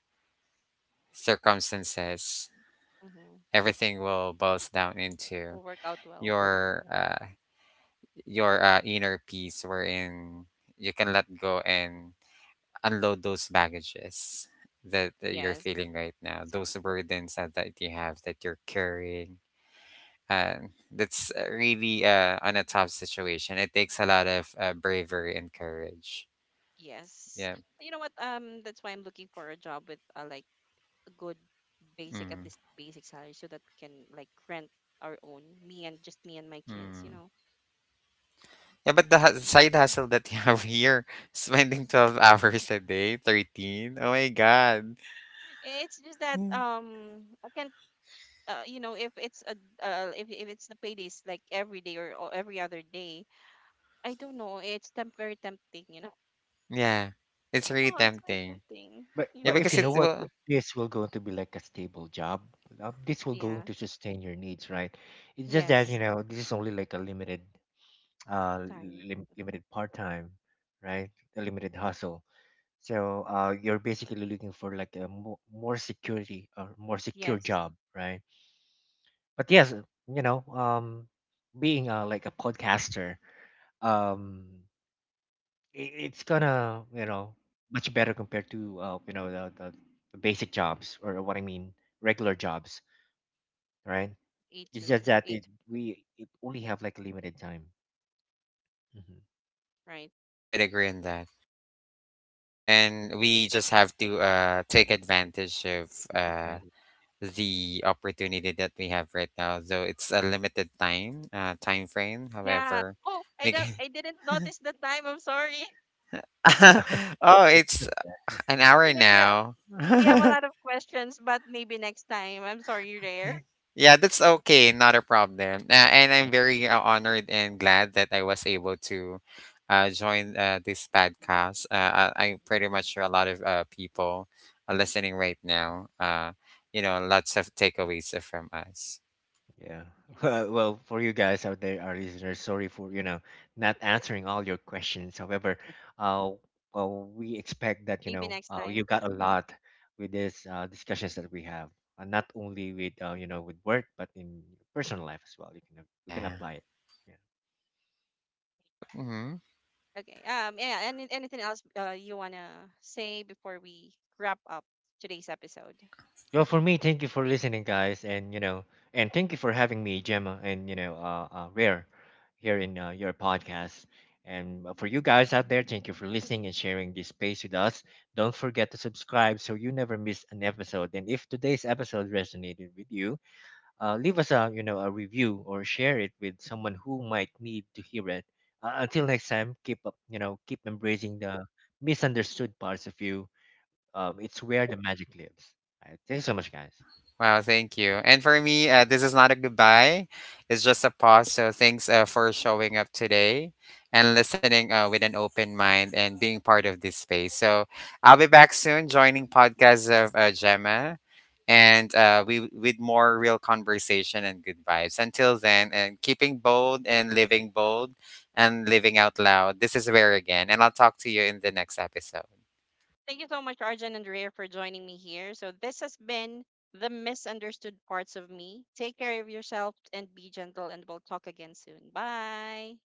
B: circumstances,
A: *laughs* Hmm.
B: everything will boils down into
A: Will work out well.
B: your uh your inner peace, wherein you can let go and unload those baggages that, you're
A: Yes.
B: feeling right now,
A: Exactly.
B: those burdens that, you have, that you're carrying. And that's, really, on a tough situation. It takes a lot of, bravery and courage.
A: Yes.
B: Yeah.
A: You know what? That's why I'm looking for a job with like a good basic, at
B: Mm.
A: least basic salary, so that we can like rent our own, me and just me and my kids. You
B: Mm.
A: know,
B: Yeah, but the, side hustle that you have *laughs* here, spending 12 hours a day, 13. Oh my God.
A: it's just that,
B: Mm.
A: I can't. Uh, you know, if it's a if it's the paydays, like every day, or, every other day, I don't know. It's very tempting. You know,
B: Yeah. It's
A: *laughs*
B: really
A: oh, it's very
B: tempting.
A: tempting. You
B: Yeah,
C: But
A: know,
C: if
B: because
C: you know
B: it's,
A: it—
C: what,
B: well,
C: this will going to be like a stable job, this will going
A: yeah,
C: to sustain your needs, right? It's just that, you
A: yes,
C: know, this is only like a limited,
A: time, mm-hmm,
C: limited part time, right? A limited hustle. So you're basically looking for like a more security or more secure
A: yes,
C: job, right? But yes, you know, being like a podcaster, um, i- it's gonna, you know, much better compared to, you know, the basic jobs, or what I mean, regular jobs, right?
A: a
C: It's just
A: two,
C: that it
A: eight,
C: we it only have like limited time. Mm-hmm.
A: right.
B: I would agree on that. Yeah, and we just have to, take advantage of, the opportunity that we have right now. So it's a limited time, time frame.
A: Yeah.
B: However,
A: Oh, I
B: make
A: don't I didn't notice the time. I'm sorry. *laughs*
B: *laughs* oh,
C: That's
B: it's
C: just that.
B: an hour
A: You know,
B: now.
A: yeah, we have
C: Yeah.
A: a lot of questions, but maybe next time. I'm sorry, you're there.
B: Yeah, that's okay. Not a problem. And I'm very, honored and glad that I was able to, join, this podcast. I'm pretty much sure a lot of, people are listening right now. You know, lots of takeaways from us.
C: Yeah.
A: Yes.
C: *laughs* Well, for you guys out there, our listeners, sorry for, you know, not answering all your questions. However, uh, well, we expect that, you
A: Maybe
C: know,
A: next time.
C: you got a
A: Yeah.
C: lot with these discussions that we have, not only with, you know, with work, but in personal life as well. You can, we can
B: Yeah.
C: apply it. Yeah.
B: Yep. Hmm.
A: Okay. Yeah, anything else you want to say before we wrap up today's episode?
C: Well, for me, thank you for listening, guys, and you know, and thank you for having me, Gemma, and you know, uh, Rare, here in, your podcast. And for you guys out there, thank you for listening and sharing this space with us. Don't forget to subscribe so you never miss an episode. And if today's episode resonated with you, leave us a, you know, a review, or share it with someone who might need to hear it. Until next time, keep up, you know, keep embracing the misunderstood parts of you. It's where the magic lives. All right, thank you so much, guys.
B: Wow, thank you. And for me, this is not a goodbye. It's just a pause. So thanks, for showing up today and listening, with an open mind and being part of this space. So I'll be back soon joining podcasts of, Gemma, and, we with more real conversation and good vibes. Until then, and keeping bold and living out loud. This is where again, and I'll talk to you in the next episode.
A: Thank you so much, Arjan and Rare, for joining me here. So this has been The Misunderstood Parts of Me. Take care of yourself and be gentle, and we'll talk again soon. Bye.